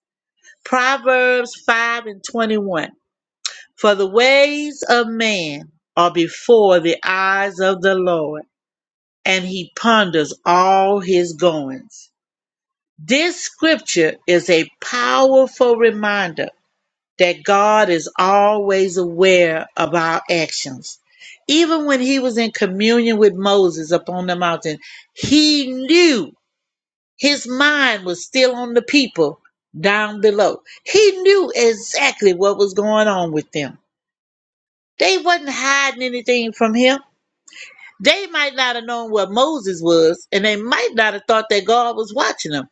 Proverbs 5 and 21. For the ways of man are before the eyes of the Lord, and he ponders all his goings. This scripture is a powerful reminder that God is always aware of our actions. Even when he was in communion with Moses upon the mountain, he knew his mind was still on the people down below. He knew exactly what was going on with them. They wasn't hiding anything from him. They might not have known what Moses was, and they might not have thought that God was watching them.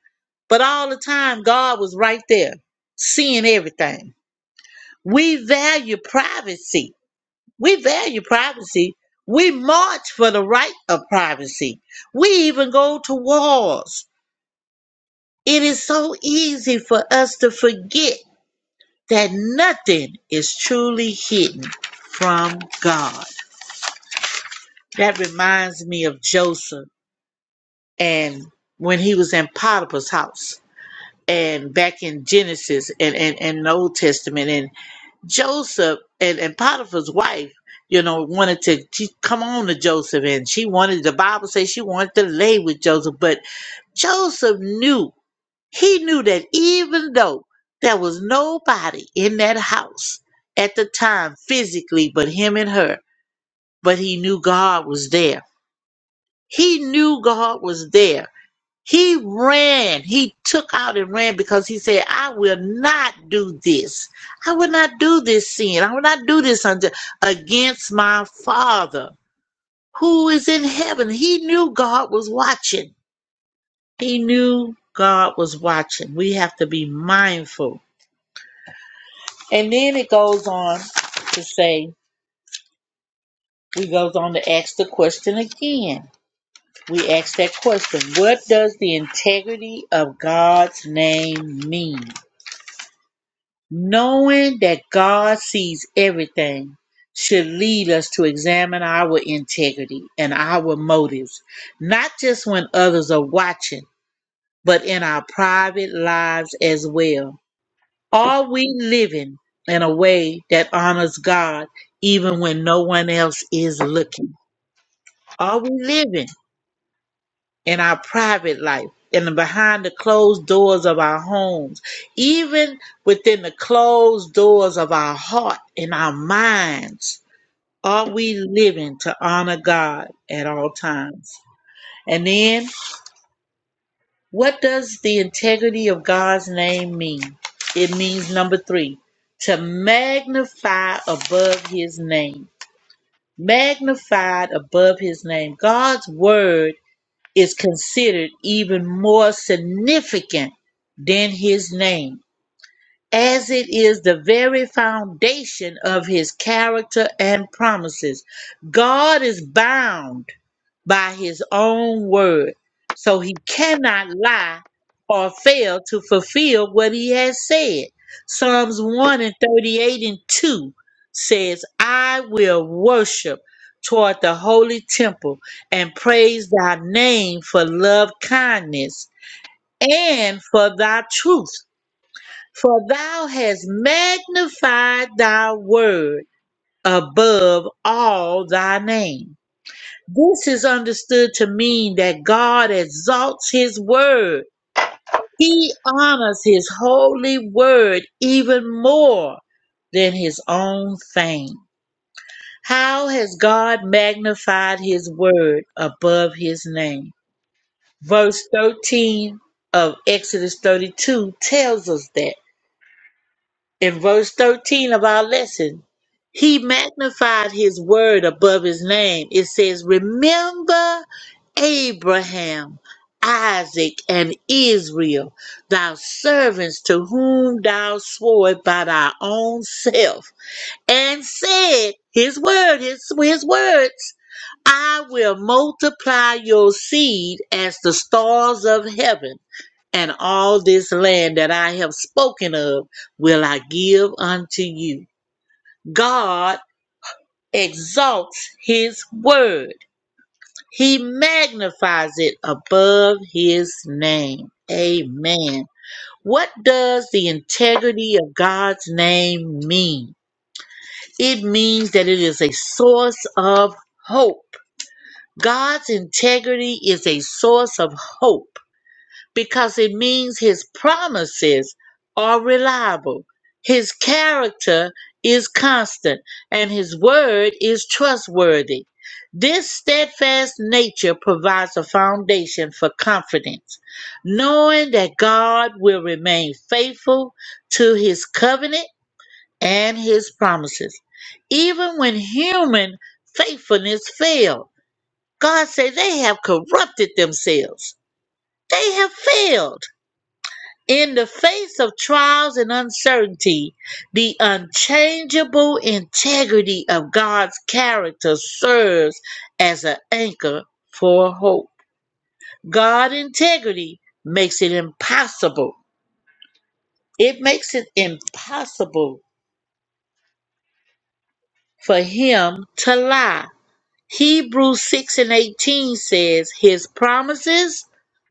But all the time, God was right there, seeing everything. We value privacy We value privacy. We march for the right of privacy. We even go to wars. It is so easy for us to forget that nothing is truly hidden from God. That reminds me of Joseph and when he was in Potiphar's house and back in Genesis and, and, and the Old Testament and. Joseph and, and Potiphar's wife, you know, wanted to she come on to Joseph and she wanted the Bible says she wanted to lay with Joseph, but Joseph knew he knew that even though there was nobody in that house at the time physically but him and her, but he knew God was there. He knew God was there he ran. He took out and ran because he said, I will not do this. I will not do this sin. I will not do this unto, against my Father who is in heaven. He knew God was watching. He knew God was watching. We have to be mindful. And then it goes on to say, we goes on to ask the question again. We ask that question, what does the integrity of God's name mean? Knowing that God sees everything should lead us to examine our integrity and our motives, not just when others are watching, but in our private lives as well. Are we living in a way that honors God even when no one else is looking? Are we living? in our private life and behind the closed doors of our homes, even within the closed doors of our heart and our minds. Are we living to honor God at all times? And then, what does the integrity of God's name mean? It means number three, to magnify above his name. Magnified above his name. God's word is considered even more significant than his name, as it is the very foundation of his character and promises. God is bound by his own word. So he cannot lie or fail to fulfill what he has said. Psalms 1 and 38 and 2 says, I will worship toward the holy temple and praise thy name for love kindness and for thy truth. For thou hast magnified thy word above all thy name. This is understood to mean that God exalts his word. He honors his holy word even more than his own fame. How has God magnified his word above his name? Verse 13 of Exodus 32 tells us that. In verse 13 of our lesson, he magnified his word above his name. It says, Remember Abraham, Isaac, and Israel, thy servants to whom thou swore by thy own self, and said, His word, his, his words, I will multiply your seed as the stars of heaven and all this land that I have spoken of will I give unto you. God exalts his word, he magnifies it above his name. Amen. What does the integrity of God's name mean? It means that it is a source of hope. God's integrity is a source of hope because it means his promises are reliable, his character is constant, and his word is trustworthy. This steadfast nature provides a foundation for confidence, knowing that God will remain faithful to his covenant and his promises. Even when human faithfulness failed. God said they have corrupted themselves. They have failed in the face of trials and uncertainty, the unchangeable integrity of God's character serves as an anchor for hope. God integrity makes it impossible. It makes it impossible for him to lie. Hebrews 6 and 18 says, His promises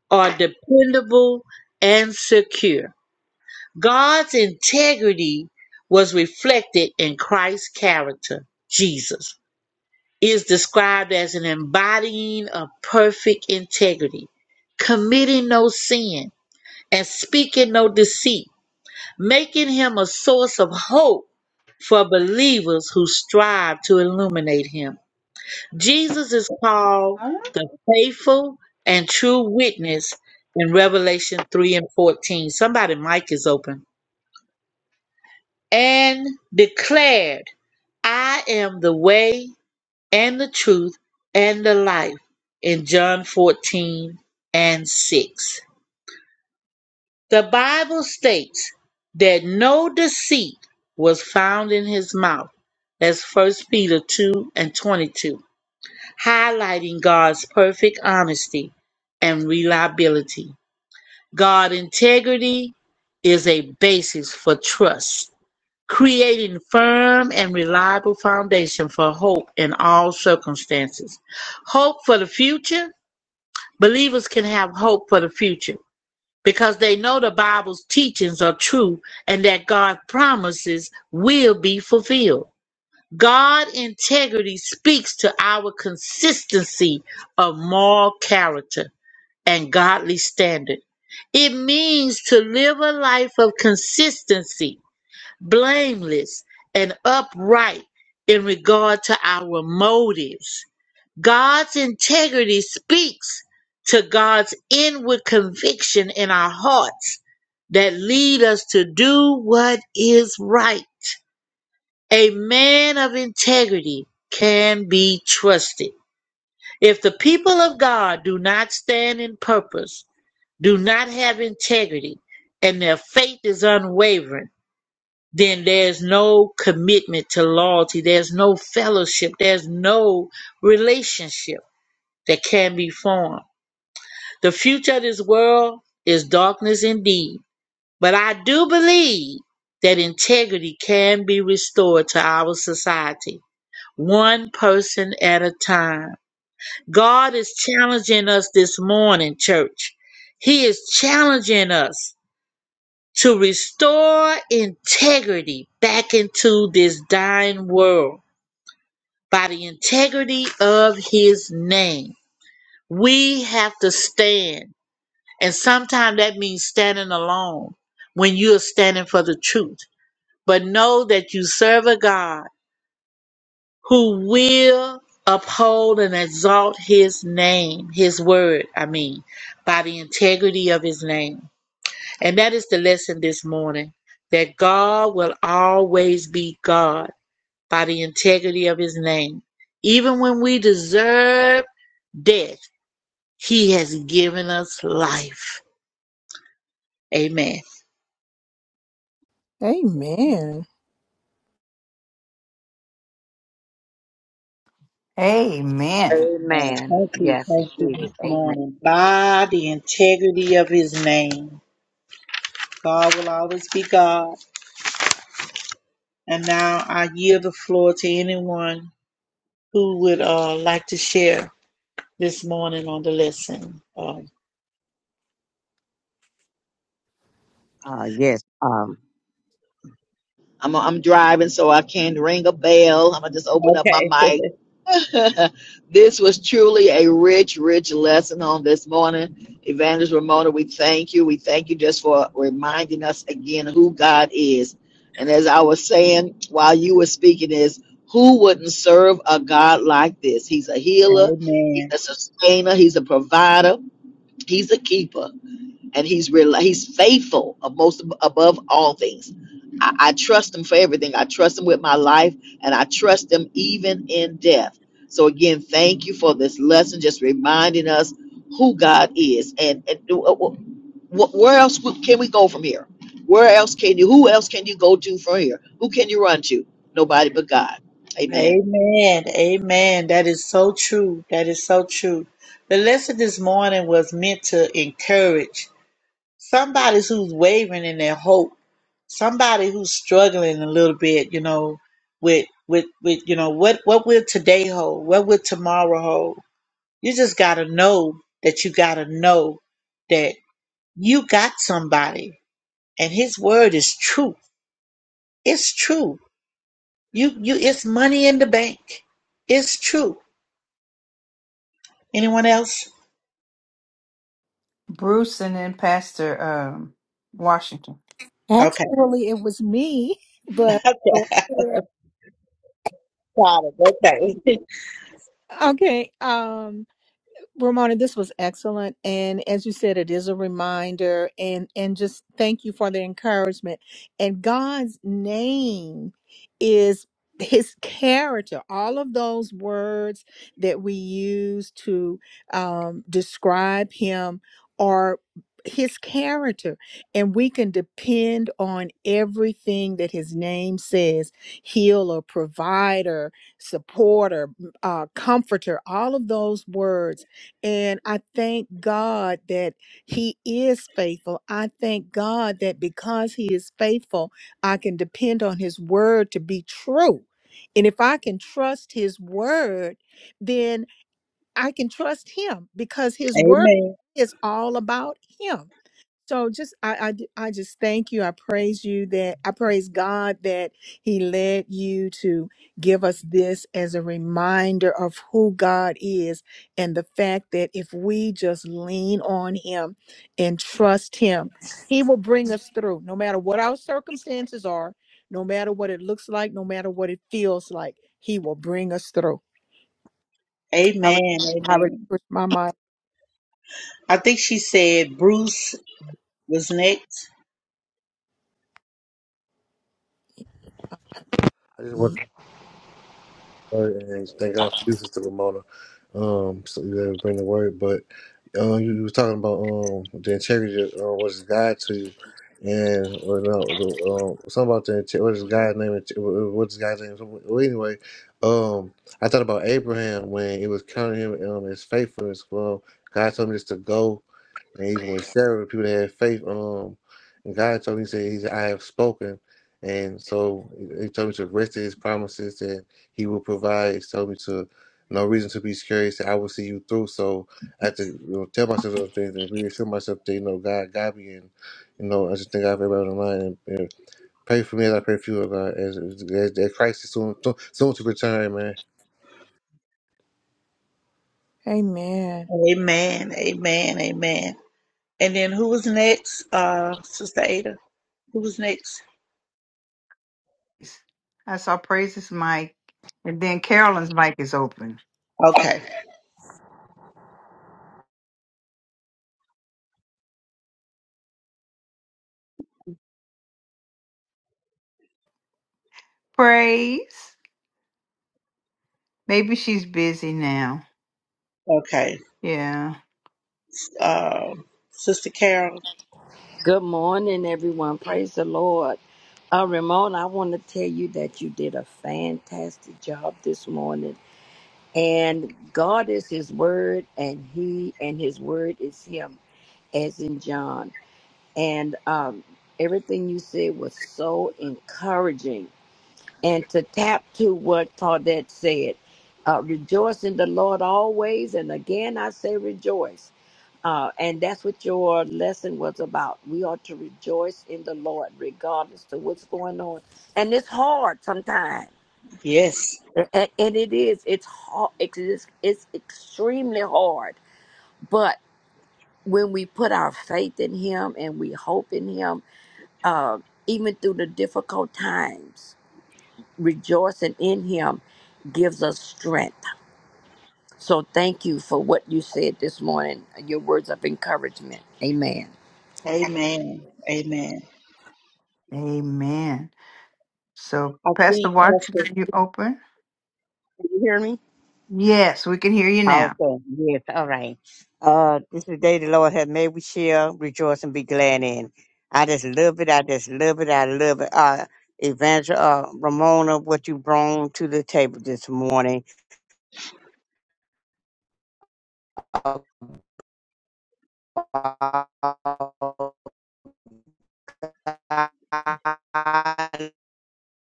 are dependable and secure. God's integrity was reflected in Christ's character. Jesus is described as an embodying of perfect integrity, committing no sin and speaking no deceit, making him a source of hope for believers who strive to illuminate him. Jesus is called All right. the faithful and true witness in Revelation 3 and 14. Somebody mic is open. and declared, I am the way and the truth and the life in John 14 and 6. The Bible states that no deceit was found in his mouth. That's First Peter 2 and 22, highlighting God's perfect honesty and reliability. God integrity is a basis for trust creating firm and reliable foundation for hope in all circumstances. Hope for the future. Believers can have hope for the future because they know the Bible's teachings are true and that God's promises will be fulfilled. God integrity speaks to our consistency of moral character and godly standard. It means to live a life of consistency blameless, and upright in regard to our motives. God's integrity speaks to God's inward conviction in our hearts that lead us to do what is right. A man of integrity can be trusted. If the people of God do not stand in purpose, do not have integrity, and their faith is unwavering, then there's no commitment to loyalty, there's no fellowship, there's no relationship that can be formed. The future of this world is darkness indeed, but I do believe that integrity can be restored to our society, one person at a time. God is challenging us this morning, church. He is challenging us to restore integrity back into this dying world by the integrity of his name. We have to stand. And sometimes that means standing alone when you're standing for the truth. But know that you serve a God who will uphold and exalt his name, his word, I mean, by the integrity of his name. And that is the lesson this morning that God will always be God by the integrity of his name. Even when we deserve death, he has given us life. Amen. Amen. Amen. And Amen. thank you, Yes, thank you indeed. this Amen. morning. By the integrity of his name, God will always be God. And now I yield the floor to anyone who would uh, like to share this morning on the lesson. Um, Uh, yes. Um, I'm I'm driving, so I can't ring a bell. I'm gonna just open up my okay. mic. this was truly a rich, rich lesson on this morning. Evangelist Ramona, we thank you. We thank you just for reminding us again who God is. And as I was saying while you were speaking, is who wouldn't serve a God like this? He's a healer, Amen. he's a sustainer, he's a provider, he's a keeper and he's real he's faithful of most above all things I, I trust him for everything i trust him with my life and i trust him even in death so again thank you for this lesson just reminding us who god is and, and wh- wh- where else w- can we go from here where else can you who else can you go to from here who can you run to nobody but god amen Amen. Amen. That is so true. That is so true. The lesson this morning was meant to encourage somebody who's wavering in their hope, somebody who's struggling a little bit, you know, with with with you know what what will today hold? What will tomorrow hold? You just got to know that you got to know that you got somebody and his word is true. It's true. You you it's money in the bank. It's true Anyone else? Bruce and then Pastor um, Washington. Okay. Actually, it was me, but Got it. Okay. Okay. Um. Romana, this was excellent. And as you said, it is a reminder and, and just thank you for the encouragement. And God's name is his character. All of those words that we use to um, describe him are his character. And we can depend on everything that his name says healer, provider, supporter, uh, comforter, all of those words and I thank God that He is faithful. I thank God that because He is faithful, I can depend on His word to be true. And if I can trust His word, then I can trust Him because His word Amen. is all about Him. So just I I I just thank you. I praise you that I praise God that He led you to give us this as a reminder of who God is and the fact that if we just lean on Him and trust Him, He will bring us through no matter what our circumstances are, no matter what it looks like, no matter what it feels like, He will bring us through. I, re- Amen. I Amen. relinquish my mic. I think she said Bruce was next. I just want Ye- to start and thank God for you, Sister Ramona. Um, so you able to bring the word, but uh, you, you was talking about um the integrity of, uh, what is God to you, and or no, the, um, something about the inte- what is God's name? inte- What is God's name? Something- Well, anyway, um, I thought about Abraham when it was counting him um his faithfulness. Well, God told me just to go and even with Sarah, people that had faith, um, and God told me, He said, He said, I have spoken. And so He told me to rest in His promises that He will provide. He told me to, no reason to be scared. He said, I will see you through. So I have to you know, tell myself those things and reassure myself that, you know, God got me. And, you know, I just think I have everybody on the line and, and pray for me as I pray for you, oh God, as, as, as that Christ is soon, soon to return, man. Amen. Amen. Amen. Amen. And then who was next? Uh, Sister Ada. Who was next? I saw Praise's mic, and then Carolyn's mic is open. Okay. Praise. Maybe she's busy now. Okay. Yeah. Um, Sister Carol. Good morning, everyone. Praise the Lord. Uh, Ramon, I want to tell you that you did a fantastic job this morning. And God is His Word, and He and His Word is Him, as in John. And um, everything you said was so encouraging. And to tap to what Claudette said, uh, rejoice in the Lord always. And again, I say rejoice. Uh, and that's what your lesson was about. We are to rejoice in the Lord regardless of what's going on. And it's hard sometimes. Yes. And, and it is. It's hard. It is, it's extremely hard. But when we put our faith in Him and we hope in Him, uh, even through the difficult times, rejoicing in Him gives us strength. So thank you for what you said this morning, your words of encouragement. Amen. Amen. Amen. Amen. So, I Pastor think Washington, Pastor. are you open? Can you hear me? Yes, we can hear you now. also, yes. All right. Uh, this is the day the Lord has made. We shall rejoice and be glad in. I just love it. I just love it. I love it. Uh, Evangel, uh, Ramona, what you brought to the table this morning. About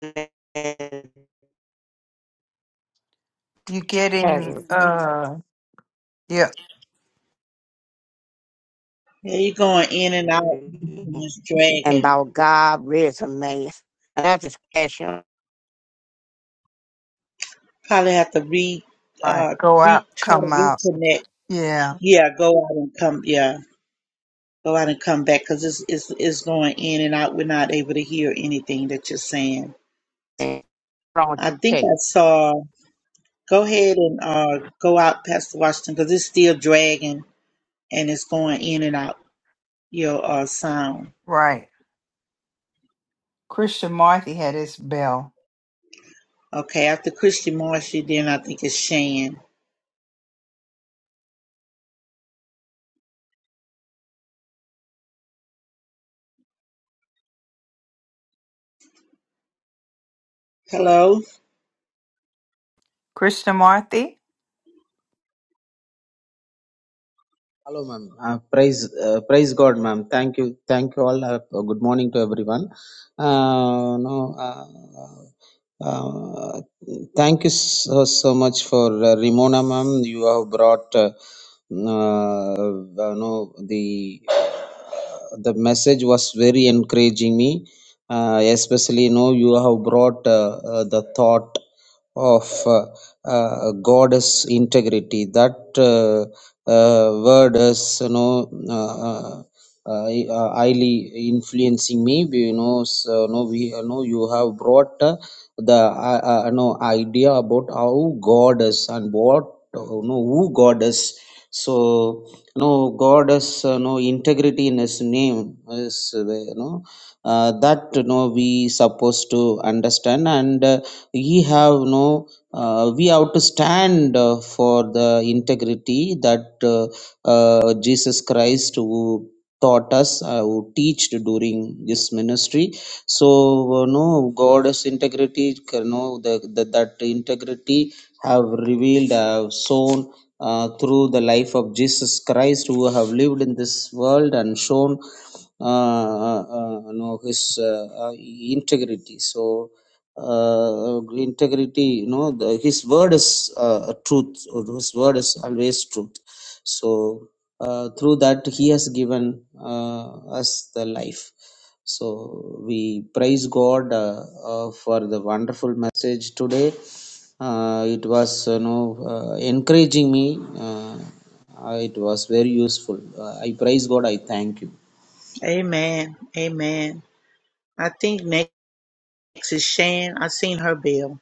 integrity You getting uh? Yeah. Yeah, you're going in and out. This and dragon. about God resume. And that's a special Probably have to re All right. uh Go out. re try Come to out. reconnect. Yeah. Yeah, go out and come. Yeah, go out and come back because it's it's it's going in and out. We're not able to hear anything that you're saying. and strong I to think take. I saw. Go ahead and uh go out, Pastor Washington, because it's still dragging and it's going in and out your uh sound. Right. Christian Marthy had his bell. Okay, after Christian Marcy, then I think it's Shan. Hello. Christian Marthy, Hello, ma'am. Uh, praise, uh, praise God, ma'am. Thank you, thank you all. Uh, good morning to everyone. Uh, no, uh, uh, thank you so, so much for uh, Ramona, ma'am. You have brought uh, uh, no, the uh, the message was very encouraging me. Uh, especially, you know, you have brought uh, uh, the thought of uh, uh, goddess integrity. That uh, uh, word is, you know, uh, uh, uh, highly influencing me. You know, so, no, we, you know, you have brought. uh, the uh, uh, you idea about how god is and what uh, you who god is so no god is you know integrity in his name is uh, you know uh, that you know we supposed to understand and uh, we have no uh, we have to stand uh, for the integrity that uh, uh, jesus christ who taught us, uh, who teached during this ministry. So, uh, no, God's integrity, you know, the, the, that integrity have revealed, uh, have shown uh, through the life of Jesus Christ, who have lived in this world and shown, uh, uh, uh, know, his uh, uh, integrity. So, uh, integrity, you know, the, his word is uh, truth, or his word is always truth. So, uh, through that he has given uh, us the life so we praise god uh, uh, for the wonderful message today uh, it was you know uh, encouraging me uh, it was very useful uh, i praise god i thank you Amen. Amen. I think next is Shan. I seen her bell.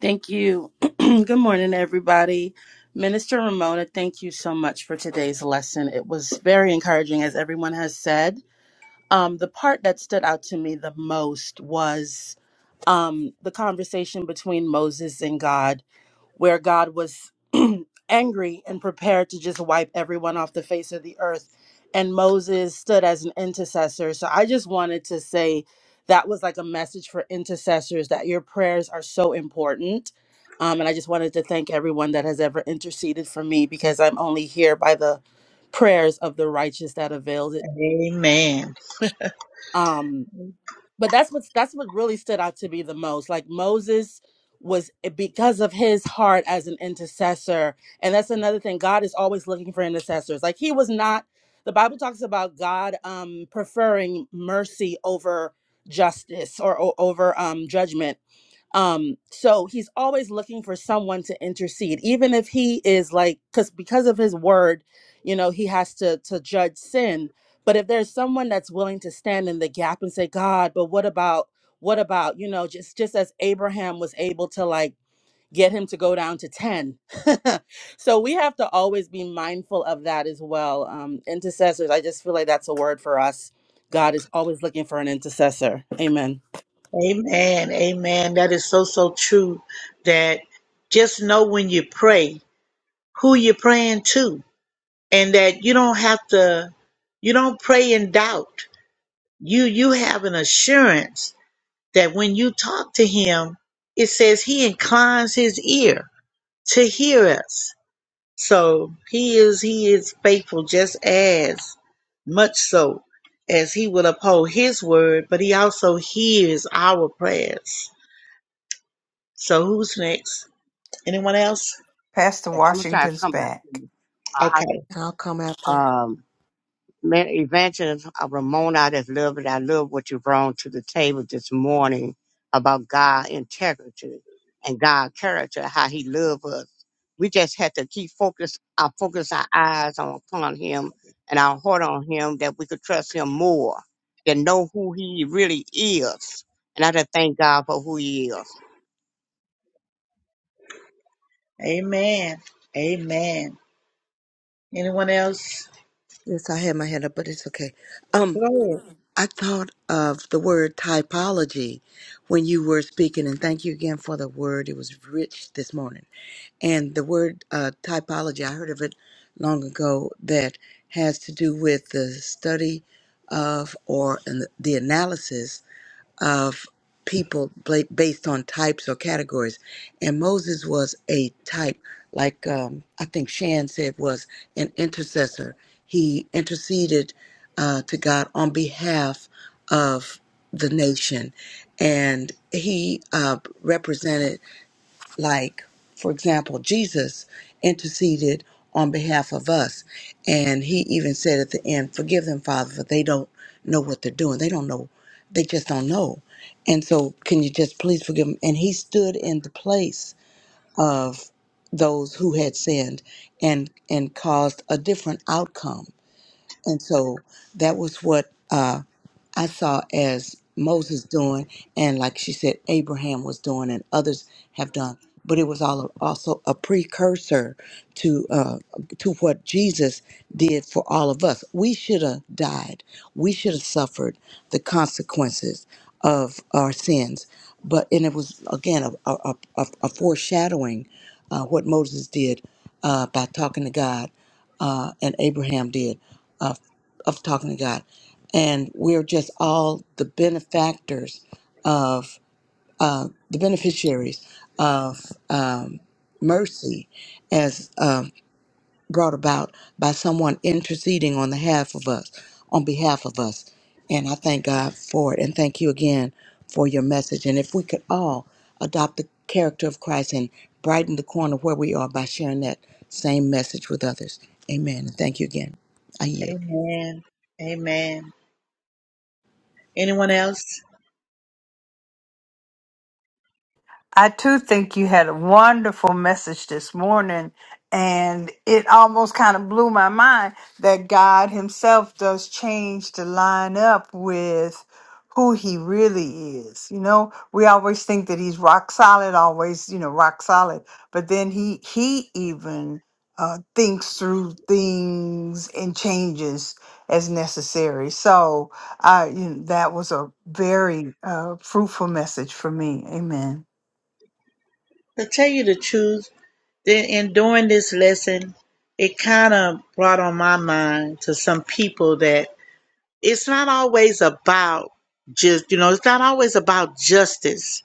Thank you. Good morning, everybody. Minister Ramona, thank you so much for today's lesson. It was very encouraging, as everyone has said. Um, the part that stood out to me the most was um, the conversation between Moses and God where God was angry and prepared to just wipe everyone off the face of the earth. And Moses stood as an intercessor. So I just wanted to say that was like a message for intercessors that your prayers are so important. Um, and I just wanted to thank everyone that has ever interceded for me because I'm only here by the prayers of the righteous that availed it. Amen. Um, but that's what's that's what really stood out to me the most like moses was eh, because of his heart as an intercessor and that's another thing god is always looking for intercessors like he was not the bible talks about god um preferring mercy over justice or, o- over um judgment um so he's always looking for someone to intercede even if he is like because because of his word you know he has to to judge sin but if there's someone that's willing to stand in the gap and say god but what about what about you know just just as abraham was able to like get him to go down to 10 so we have to always be mindful of that as well um intercessors i just feel like that's a word for us god is always looking for an intercessor amen Amen. Amen. That is so, so true that just know when you pray who you're praying to and that you don't have to, you don't pray in doubt. You, you have an assurance that when you talk to him, it says he inclines his ear to hear us. So he is he is faithful just as much so as he will uphold his word, but he also hears our prayers. So who's next? Anyone else? Pastor Yes, I'm gonna try to Washington's come back to back. you. Uh, I Okay. just I'll come after. um met evangelist uh, Ramona. I just love it. I love what you brought to the table this morning about God integrity and God character, how He loves us. We just had to keep focus, our focus, our eyes on upon Him and our heart on Him, that we could trust Him more, and know who He really is. And I just thank God for who He Amen. Amen. Anyone else? Yes, I had my hand up, but it's okay. Um, Go I thought of the word typology when you were speaking, and thank you again for the word. It was rich this morning And the word uh, typology, I heard of it long ago, that has to do with the study of or an, the analysis of people bla- based on types or categories. And Moses was a type, like um, I think Shan said, was an intercessor. He interceded uh, to God on behalf of the nation, and he uh, represented like for example jesus interceded on behalf of us and he even said at the end forgive them father for they don't know what they're doing they don't know they just don't know and so can you just please forgive them and he stood in the place of those who had sinned and and caused a different outcome and so that was what uh, I saw as Moses doing, and like she said, Abraham was doing, and others have done. But it was all also a precursor to uh, to what Jesus did for all of us. We should have died. We should have suffered the consequences of our sins. But and it was again a a, a, a foreshadowing uh, what Moses did uh, by talking to God, uh, and Abraham did uh, of talking to God and we're just all the benefactors of uh, the beneficiaries of um, mercy as um, brought about by someone interceding on the half of us on behalf of us and i thank god for it and thank you again for your message and if we could all adopt the character of christ and brighten the corner where we are by sharing that same message with others amen and thank you again i ahead. yield Amen. Amen. Anyone else? I too think you had a wonderful message this morning, and it almost kind of blew my mind that God Himself does change to line up with who He really is. You know, we always think that He's rock solid, always, you know, rock solid, but then He He even uh, thinks through things and changes as necessary. So, I you know, that was a very uh, fruitful message for me. Amen. To tell you the truth, then in doing this lesson, it kind of brought on my mind to some people that it's not always about just you know it's not always about justice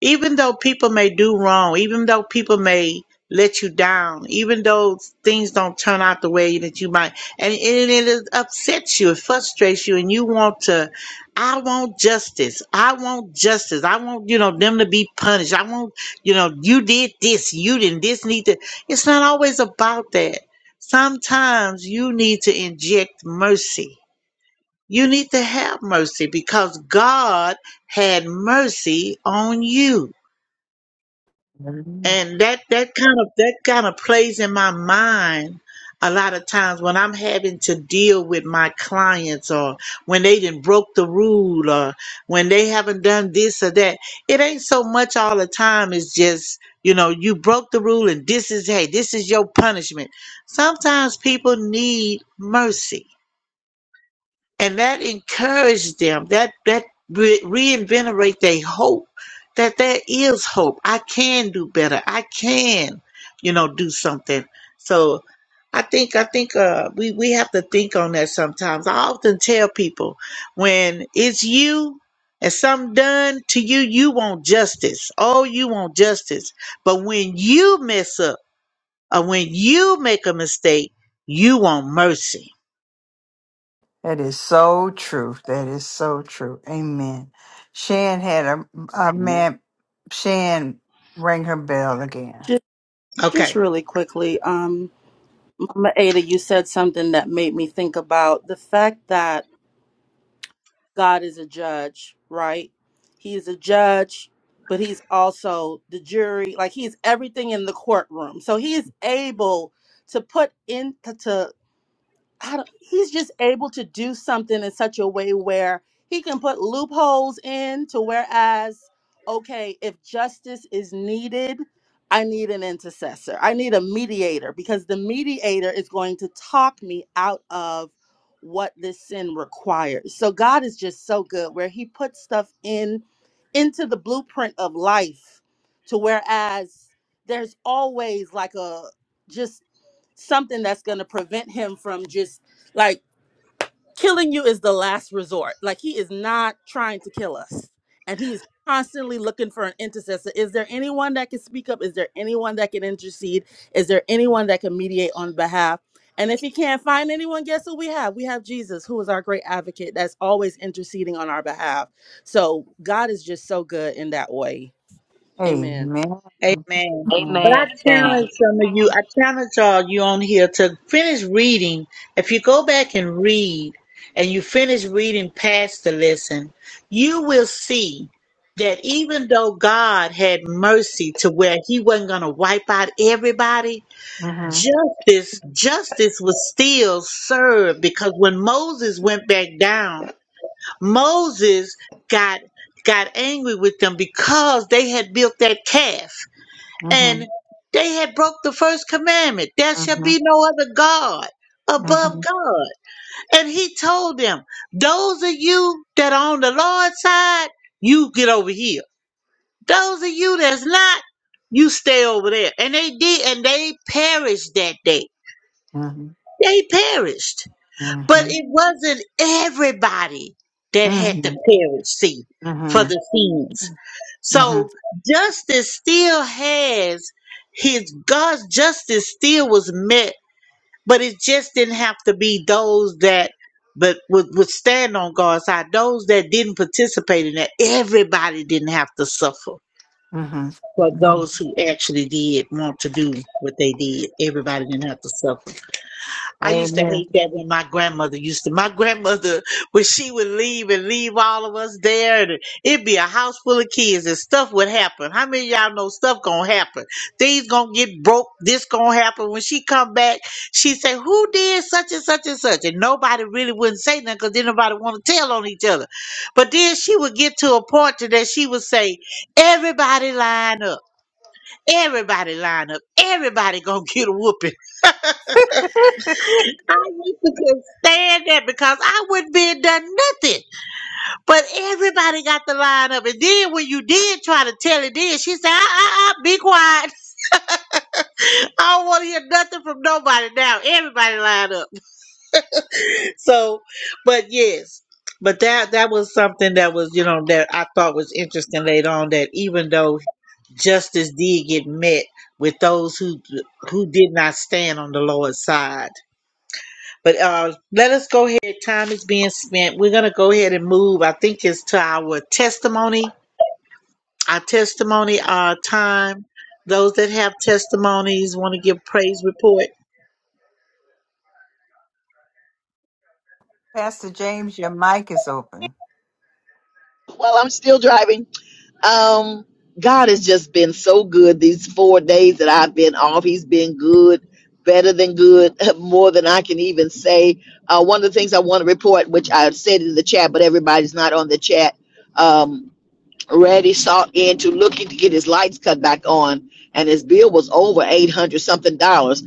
even though people may do wrong even though people may let you down even though things don't turn out the way that you might and, and it is- upsets you it frustrates you and you want to i want justice i want justice i want you know them to be punished i want you know you did this you didn't this need to it's not always about that sometimes you need to inject mercy you need to have mercy because God had mercy on you. Hallelujah. And that, that kind of, that kind of plays in my mind a lot of times when I'm having to deal with my clients or when they didn't broke the rule or when they haven't done this or that. It ain't so much all the time. It's just, you know, you broke the rule and this is, hey, this is your punishment. Sometimes people need mercy and that encouraged them that that re- reinvigorate their hope that there is hope i can do better i can you know do something so i think i think uh we we have to think on that sometimes i often tell people when it's you and something done to you you want justice oh you want justice but when you mess up or when you make a mistake you want mercy That is so true. That is so true. Amen. Shan had a, a is. man, Shan rang her bell again. Just, okay just really quickly, Um, Ada, you said something that made me think about the fact that God is a judge, right? He is a judge, but he's also the jury. Like he's everything in the courtroom. So he is able to put into I don't, he's just able to do something in such a way where he can put loopholes in to whereas okay if justice is needed i need an intercessor i need a mediator because the mediator is going to talk me out of what this sin requires so god is just so good where he puts stuff in into the blueprint of life to whereas there's always like a just something that's going to prevent him from just like killing you is the last resort. Like he is not trying to kill us. And he is constantly looking for an intercessor. Is there anyone that can speak up? Is there anyone that can intercede? Is there anyone that can mediate on behalf? And if he can't find anyone, guess who we have? We have Jesus, who is our great advocate that's always interceding on our behalf. So God is just so good in that way. Amen. Amen. Amen. Mm-hmm. But I Amen. challenge some of you, I challenge all you on here to finish reading. If you go back and read and you finish reading past the lesson, you will see that even though God had mercy to where he wasn't going to wipe out everybody, Mm-hmm. justice, justice was still served because when Moses went back down, Moses got got angry with them because they had built that calf Mm-hmm. and they had broke the first commandment there shall Mm-hmm. be no other god above god and he told them those of you that are on the lord's side you get over here those of you that's not you stay over there and they did and they perished that day Mm-hmm. they perished but Mm-hmm. it wasn't everybody that had to Mm-hmm. perish, see, for the sins. So justice still has his God's justice still was met, but it just didn't have to be those that but would, would stand on God's side. Those that didn't participate in that, everybody didn't have to suffer. Mm-hmm. But Mhm. those who actually did want to do what they did, everybody didn't have to suffer. I used to Amen. hate that when my grandmother used to. My grandmother, when she would leave and leave all of us there, and it'd be a house full of kids and stuff would happen. How many of y'all know stuff gonna happen? Things gonna get broke. This gonna happen. When she come back, she say, "Who did such and such and such?" And nobody really wouldn't say nothing because then nobody want to tell on each other. But then she would get to a point to that she would say, "Everybody line up. Everybody line up. Everybody gonna get a whooping." I used to could stand that because I wouldn't be done nothing. But everybody got the line up. And then when you did try to tell it then, she said, uh uh uh, be quiet. I don't want to hear nothing from nobody now. Everybody line up. So but yes. But that that was something that was, you know, that I thought was interesting later on that even though justice did get met with those who who did not stand on the Lord's side But uh, let us go ahead. Time is being spent. We're going to go ahead and move. I think it's to our testimony, our testimony uh, time. Those that have testimonies want to give praise report. Pastor James, your mic is open. well i'm still driving Um, God has just been so good these four days that I've been off. He's been good, better than good, more than I can even say. Uh, one of the things I want to report, which I said in the chat, but everybody's not on the chat. Um, Reddy sought into looking to get his lights cut back on, and his bill was over eight hundred something dollars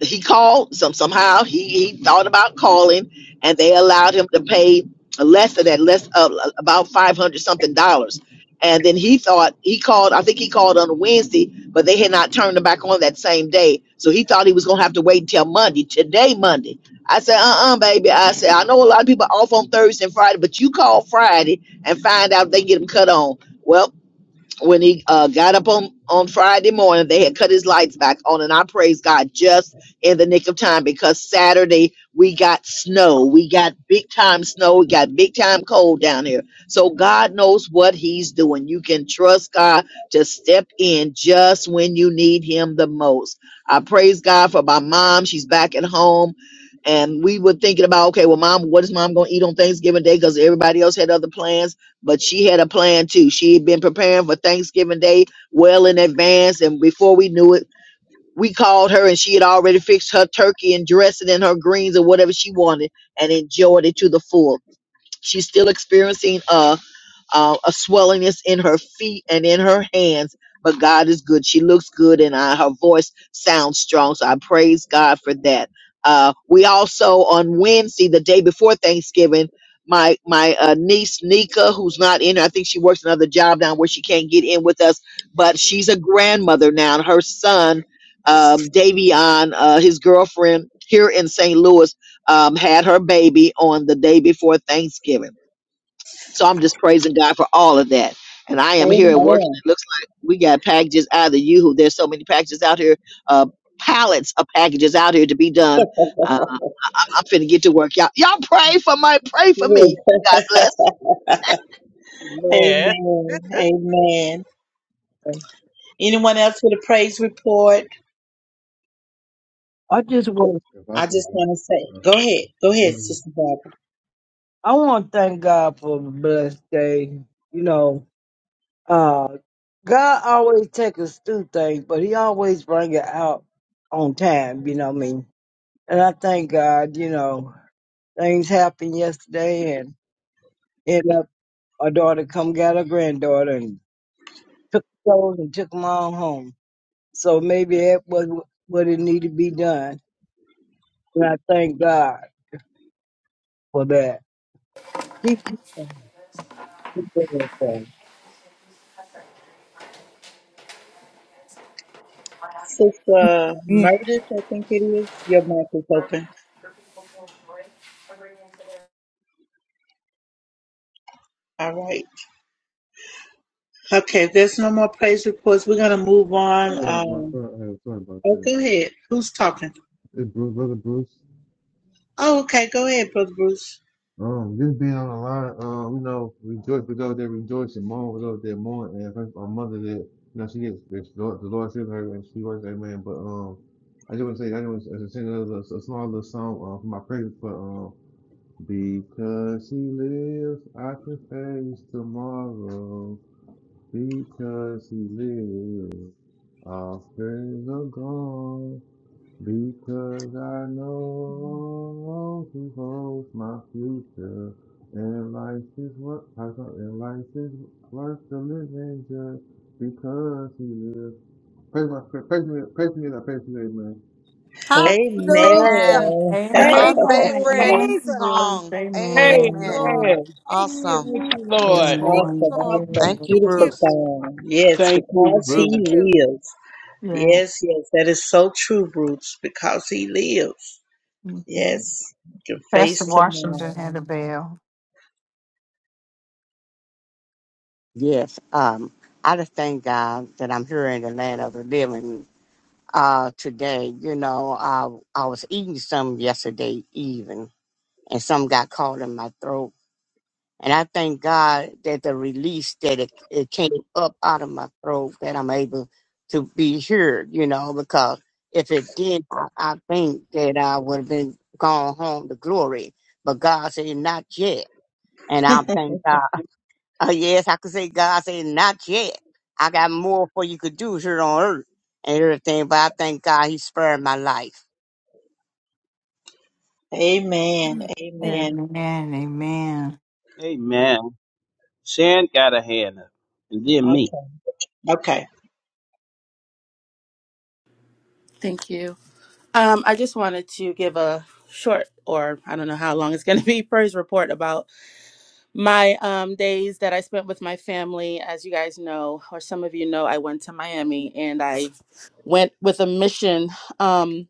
he called some somehow he, he thought about calling and they allowed him to pay less than that less uh, about 500 something dollars and then he thought he called i think he called on a wednesday but they had not turned him back on that same day so he thought he was going to have to wait until monday today monday i said uh-uh baby i said i know a lot of people are off on thursday and friday but you call friday and find out if they get them cut on well when he uh, got up on, on Friday morning, they had cut his lights back on, and I praise God just in the nick of time because Saturday we got snow. We got big time snow. We got big time cold down here. So God knows what He's doing. You can trust God to step in just when you need Him the most. I praise God for my mom. She's back at home. And we were thinking about, okay, well, mom, what is mom going to eat on Thanksgiving Day? Because everybody else had other plans but she had a plan too. She had been preparing for Thanksgiving Day well in advance, and before we knew it, we called her and she had already fixed her turkey and dressed it in her greens or whatever she wanted and enjoyed it to the full. She's still experiencing uh uh, a swellingness in her feet and in her hands. But God is good. She looks good, and I, her voice sounds strong. So I praise God for that. Uh, we also on Wednesday, the day before Thanksgiving, my my uh, niece Nika, who's not in, I think she works another job down where she can't get in with us, but she's a grandmother now. And her son, um, Davion, uh, his girlfriend here in St. Louis, um, had her baby on the day before Thanksgiving. So I'm just praising God for all of that. And I am here at work. Amen. It looks like we got packages out of you. There's so many packages out here, uh, pallets of packages out here to be done. Uh, I- I'm finna get to work. Y'all, y'all pray for my, pray for me. God bless. Amen. Amen. Amen. I Anyone else with a praise report? just want If I I can, just want to say, uh, uh, go ahead. Go ahead, uh, Sister Barbara. I want to thank God for a blessed day. You know, uh, God always take us through things, but He always bring it out on time. You know what I mean? And I thank God. You know, things happened yesterday, and end up our daughter come got her granddaughter and took those and took them all home. So maybe that was what it needed to be done. And I thank God for that. Keep doing Sister Yeah. Meredith, I think it is. Your mic is open. All right. Okay, if there's no more praise reports. We're going to move on. I have one Um, thought. I have a thought about oh, this. go ahead. Who's talking? Hey, Bruce, brother Bruce. Oh, okay. Go ahead, Brother Bruce. Um, just being on the line, um, you know, rejoice with those that rejoice and mourn with those that mourn. And first, our mother that, you know, she gets, the Lord, the Lord saved her and she was, amen. But, um, I just want to say, I just want to sing another, a small little song, uh, for my praise for, um, because he lives, I can face tomorrow. Because he lives, our prayers are gone. Because I know who holds my future. And life is what I thought and life is worth the living just because he lives. Praise my praise me, praise me, praise me, praise me, Hallelujah. Amen. Amen. Thank My Amen. you, favorite Amen. Amen, Jesus. bro. song. Thank you, Amen. Lord. Amen. Amen. Thank Thank you. Awesome. you, Yes, Lord. Thank Lord. Amen. Awesome, you, Lord. Yeah. awesome. Thank you, Thank Beautiful you. Bruce. song. Yes, Thank you, because Thank Ruth. he you. lives. Yeah. Yes, yes. That is so true, Bruce. Because he lives. hmm Yes. You can Pastor face Washington tomorrow. had a bell. Yes. Um, I just thank God that I'm here in the land of the living uh, today. You know, I, I was eating some yesterday even, and some got caught in my throat. And I thank God that the release that it, it came up out of my throat that I'm able to be here, you know, because if it did, I, I think that I would have been gone home to glory. But God said, not yet. And I thank God. Uh, yes, I could say God said, not yet. I got more for you could do here on earth and everything, but I thank God he spared my life. Amen. Amen. Amen. Amen. Amen. Amen. Shan got a hand up, and then me. Okay. Okay. Um, I just wanted to give a short, or I don't know how long it's going to be, praise report about my um, days that I spent with my family. As you guys know, or some of you know, I went to Miami and I went with a mission. Um,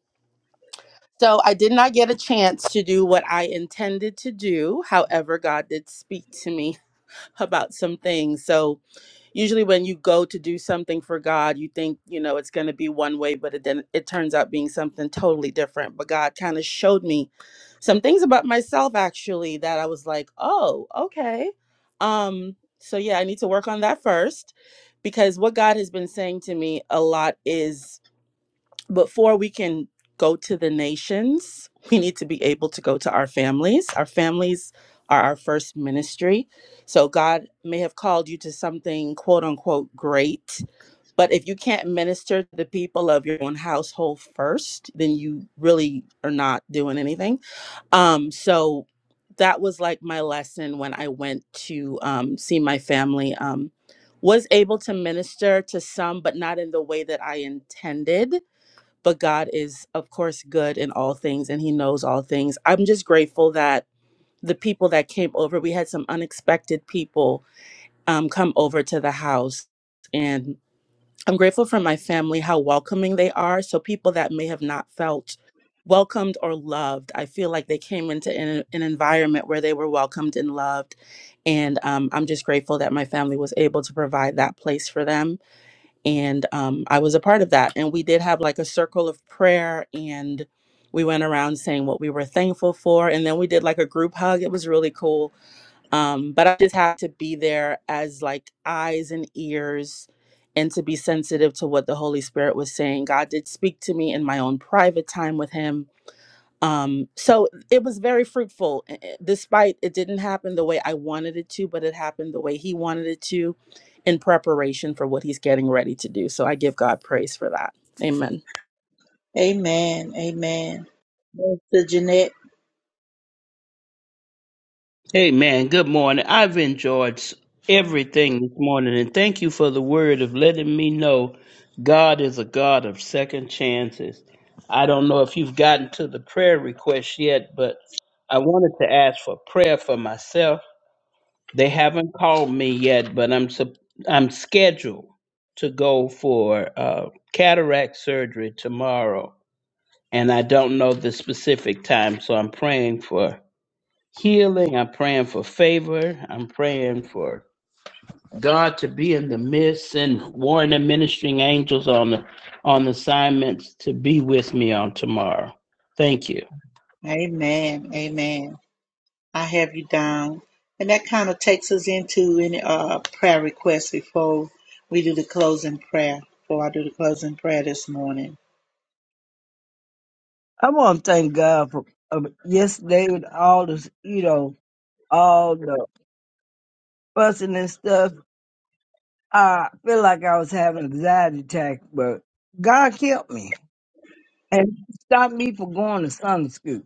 so I did not get a chance to do what I intended to do. However, God did speak to me about some things. So usually when you go to do something for God, you think, you know, it's going to be one way, but it then it turns out being something totally different. But God kind of showed me some things about myself actually that I was like, "Oh, okay." Um so yeah, I need to work on that first because what God has been saying to me a lot is before we can go to the nations, we need to be able to go to our families. Our families are our first ministry. So God may have called you to something quote unquote great, but if you can't minister to the people of your own household first, then you really are not doing anything. Um so that was like my lesson when I went to um see my family um was able to minister to some but not in the way that I intended but God is, of course, good in all things and He knows all things. I'm just grateful that the people that came over, we had some unexpected people um, come over to the house. And I'm grateful for my family, how welcoming they are. So people that may have not felt welcomed or loved, I feel like they came into an, an environment where they were welcomed and loved. And um, I'm just grateful that my family was able to provide that place for them and um, I was a part of that. And we did have like a circle of prayer, and we went around saying what we were thankful for, and then we did like a group hug. It was really cool. Um, but I just had to be there as like eyes and ears, and to be sensitive to what the Holy Spirit was saying. God did speak to me in my own private time with Him um so it was very fruitful eh, eh, despite it didn't happen the way i wanted it to but it happened the way he wanted it to in preparation for what he's getting ready to do so i give god praise for that amen Amen. Amen. Minister Jeanette. Hey man, good morning. I've enjoyed s- everything this morning and thank you for the word of letting me know God is a God of second chances. I don't know if you've gotten to the prayer request yet, but I wanted to ask for prayer for myself. They haven't called me yet, but I'm sup- I'm scheduled to go for uh, cataract surgery tomorrow, and I don't know the specific time, so I'm praying for healing. I'm praying for favor. I'm praying for God to be in the midst and warring and ministering angels on the on assignments to be with me on tomorrow. Thank you. Amen. Amen. I have you down. And that kind of takes us into any uh, prayer requests before we do the closing prayer. Before I do the closing prayer this morning. I want to thank God for um, yesterday with all this, you know, all the fussing and stuff. I feel like I was having an anxiety attack, but God kept me and stopped me from going to Sunday school.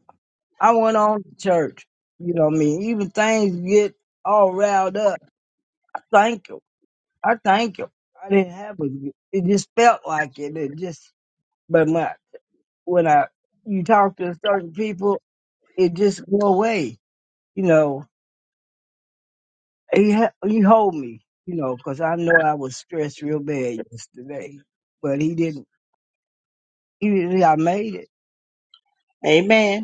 I went on to church, you know what I mean? Even things get all riled up. I thank Him. I thank Him. I didn't have a, it just felt like it. It just, but my, when I, you talk to certain people, it just go away, you know he ha- he hold me, you know, 'cause I know I was stressed real bad yesterday, but he didn't. He, didn't- I made it. Amen.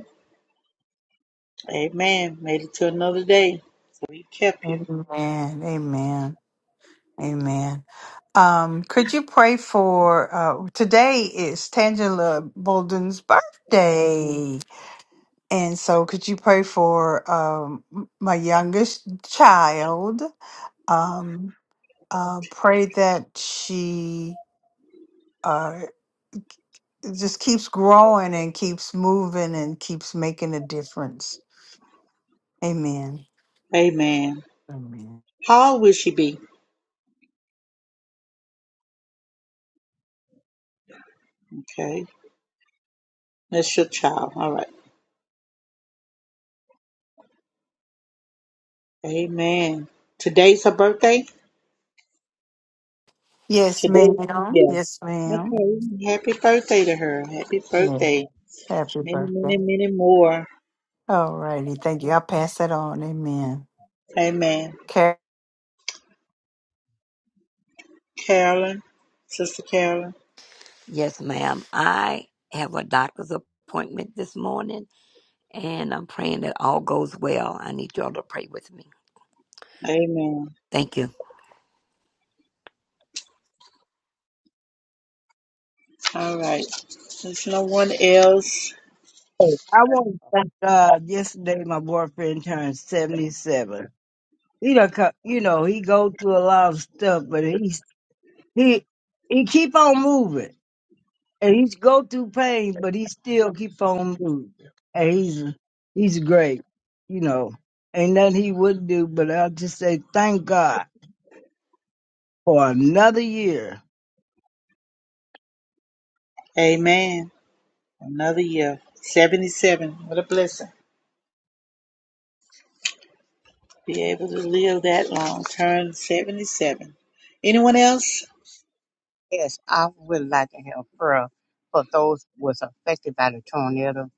Amen. Made it to another day. So he kept you. Amen. Amen. Amen. Um, could you pray for uh, today is Tangela Bolden's birthday. And so could you pray for um, my youngest child? Um, uh, pray that she uh, it just keeps growing and keeps moving and keeps making a difference. Amen. Amen. Amen. How old will she be? Okay. That's your child. All right. Amen. Today's her birthday? Yes, Today? ma'am. Yeah. Yes, ma'am. Okay. Happy birthday to her. Happy Yeah. birthday. Happy Many, birthday. many, many more. All righty. Thank you. I'll pass that on. Amen. Amen. Okay. Carolyn. Sister Carolyn. Yes, ma'am. I have a doctor's appointment this morning, and I'm praying that all goes well. I need y'all to pray with me. Amen. Thank you. All right. There's no one else. Oh, I I would- want to thank God. Yesterday, my boyfriend turned seventy-seven. He done, co- you know, he go through a lot of stuff, but he's he he keep on moving, and he's go through pain, but he still keep on moving, and he's he's great, you know. Ain't nothing he wouldn't do, but I just say thank God for another year. Amen. Another year. 77. What a blessing. be able to live that long. Turn 77. Anyone else? Yes, I would like to have prayer for those was affected by the tornado.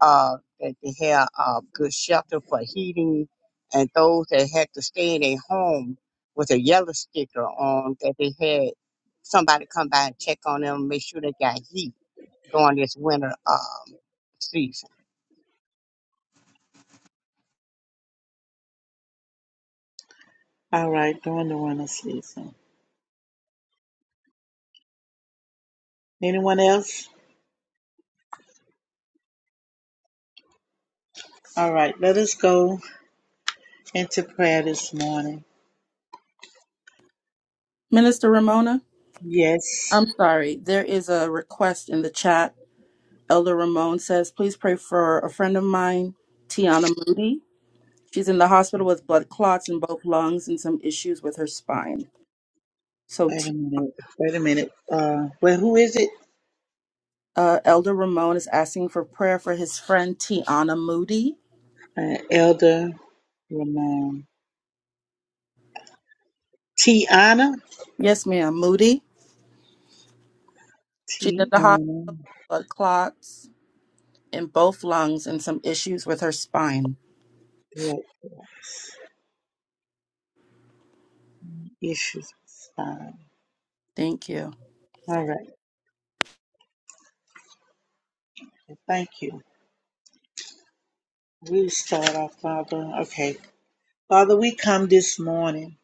Uh, that they have uh, good shelter for heating, and those that had to stay in their home with a yellow sticker on that they had somebody come by and check on them, make sure they got heat during this winter um, season. All right, during the winter season. Anyone else? All right, let us go into prayer this morning. minister ramona Yes. i'm sorry there is a request in the chat elder ramon says please pray for a friend of mine tiana moody she's in the hospital with blood clots in both lungs and some issues with her spine so Wait a T- minute. Wait a minute. Uh, well, who is it? uh, elder ramon is asking for prayer for his friend tiana moody Uh, Elder Ramon. Tiana? Yes, ma'am. Moody. She's in Tiana. the hospital with clots in both lungs and some issues with her spine. What was issues? Fine. Thank you. All right. Thank you. We start off, Father. Okay. Father, we come this morning.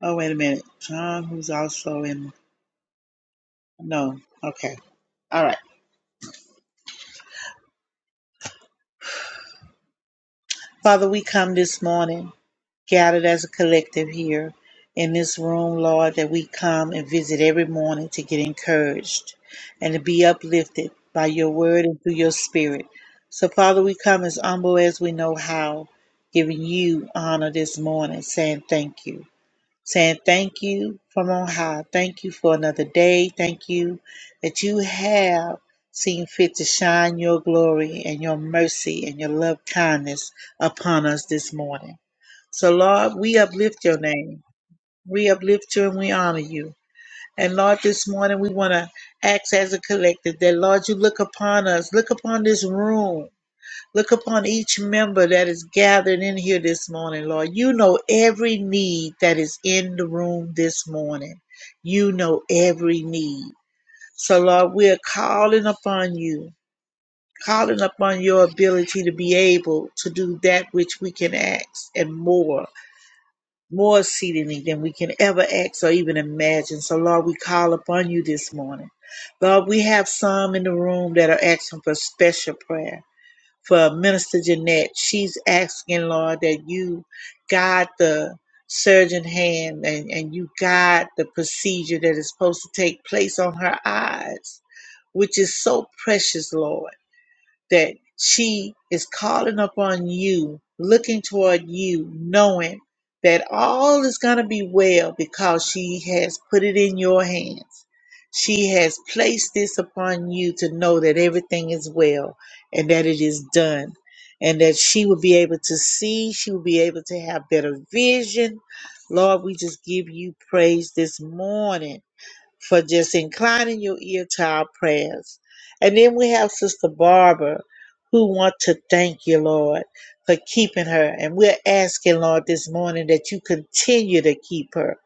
Oh, wait a minute. John, who's also in. No. Okay. All right. Father, we come this morning gathered as a collective here in this room, Lord, that we come and visit every morning to get encouraged and to be uplifted by your word and through your spirit. So, Father, we come as humble as we know how, giving you honor this morning, saying thank you. saying thank you from on high. Thank you for another day. Thank you that you have seen fit to shine your glory and your mercy and your love kindness upon us this morning. So, Lord, we uplift your name. We uplift you and we honor you. And Lord, this morning we want to ask as a collective that, Lord, you look upon us, look upon this room. Look upon each member that is gathered in here this morning, Lord. You know every need that is in the room this morning. You know every need. So, Lord, we are calling upon you, calling upon your ability to be able to do that which we can ask and more, more exceedingly than we can ever ask or even imagine. So, Lord, we call upon you this morning. Lord, we have some in the room that are asking for special prayer for Minister Jeanette. She's asking, Lord, that you guide the surgeon hand and, and you guide the procedure that is supposed to take place on her eyes, which is so precious, Lord that she is calling upon you, looking toward you, knowing that all is going to be well because she has put it in your hands. She has placed this upon you to know that everything is well and that it is done. And that she will be able to see, she will be able to have better vision. Lord, we just give you praise this morning for just inclining your ear to our prayers. And then we have Sister Barbara who want to thank you, Lord, for keeping her. And we're asking, Lord, this morning that you continue to keep her.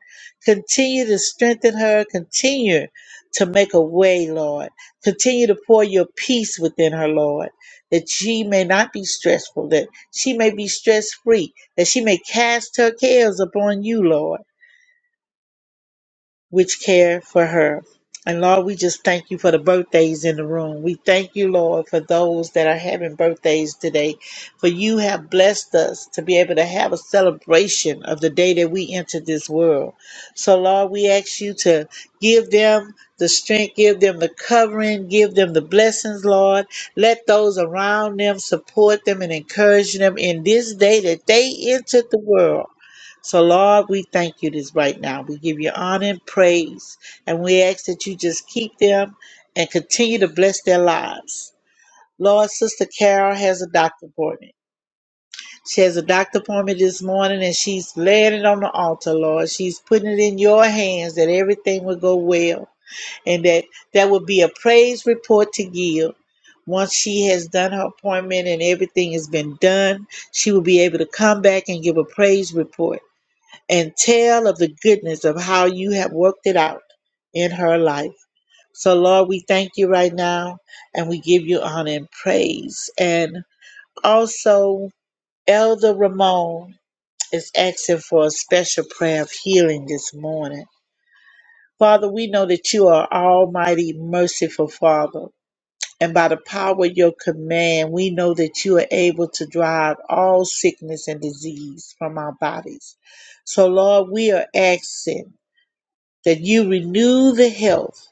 Continue to strengthen her. Continue to make a way, Lord. Continue to pour your peace within her, Lord, that she may not be stressful, that she may be stress free, that she may cast her cares upon you, Lord which care for her. And Lord, we just thank you for the birthdays in the room. We thank you, Lord, for those that are having birthdays today. For you have blessed us to be able to have a celebration of the day that we entered this world. So, Lord, we ask you to give them the strength, give them the covering, give them the blessings, Lord. Let those around them support them and encourage them in this day that they entered the world. So, Lord, we thank you this right now. We give you honor and praise, and we ask that you just keep them and continue to bless their lives. Lord, Sister Carol has a doctor appointment. She has a doctor appointment this morning, and she's laying it on the altar, Lord. She's putting it in your hands that everything will go well, and that that will be a praise report to give. Once she has done her appointment and everything has been done, she will be able to come back and give a praise report and tell of the goodness of how you have worked it out in her life. So, Lord, we thank you right now and we give you honor and praise. And also, Elder Ramon is asking for a special prayer of healing this morning. Father, we know that you are Almighty, merciful Father. And by the power of your command, we know that you are able to drive all sickness and disease from our bodies. So, Lord, we are asking that you renew the health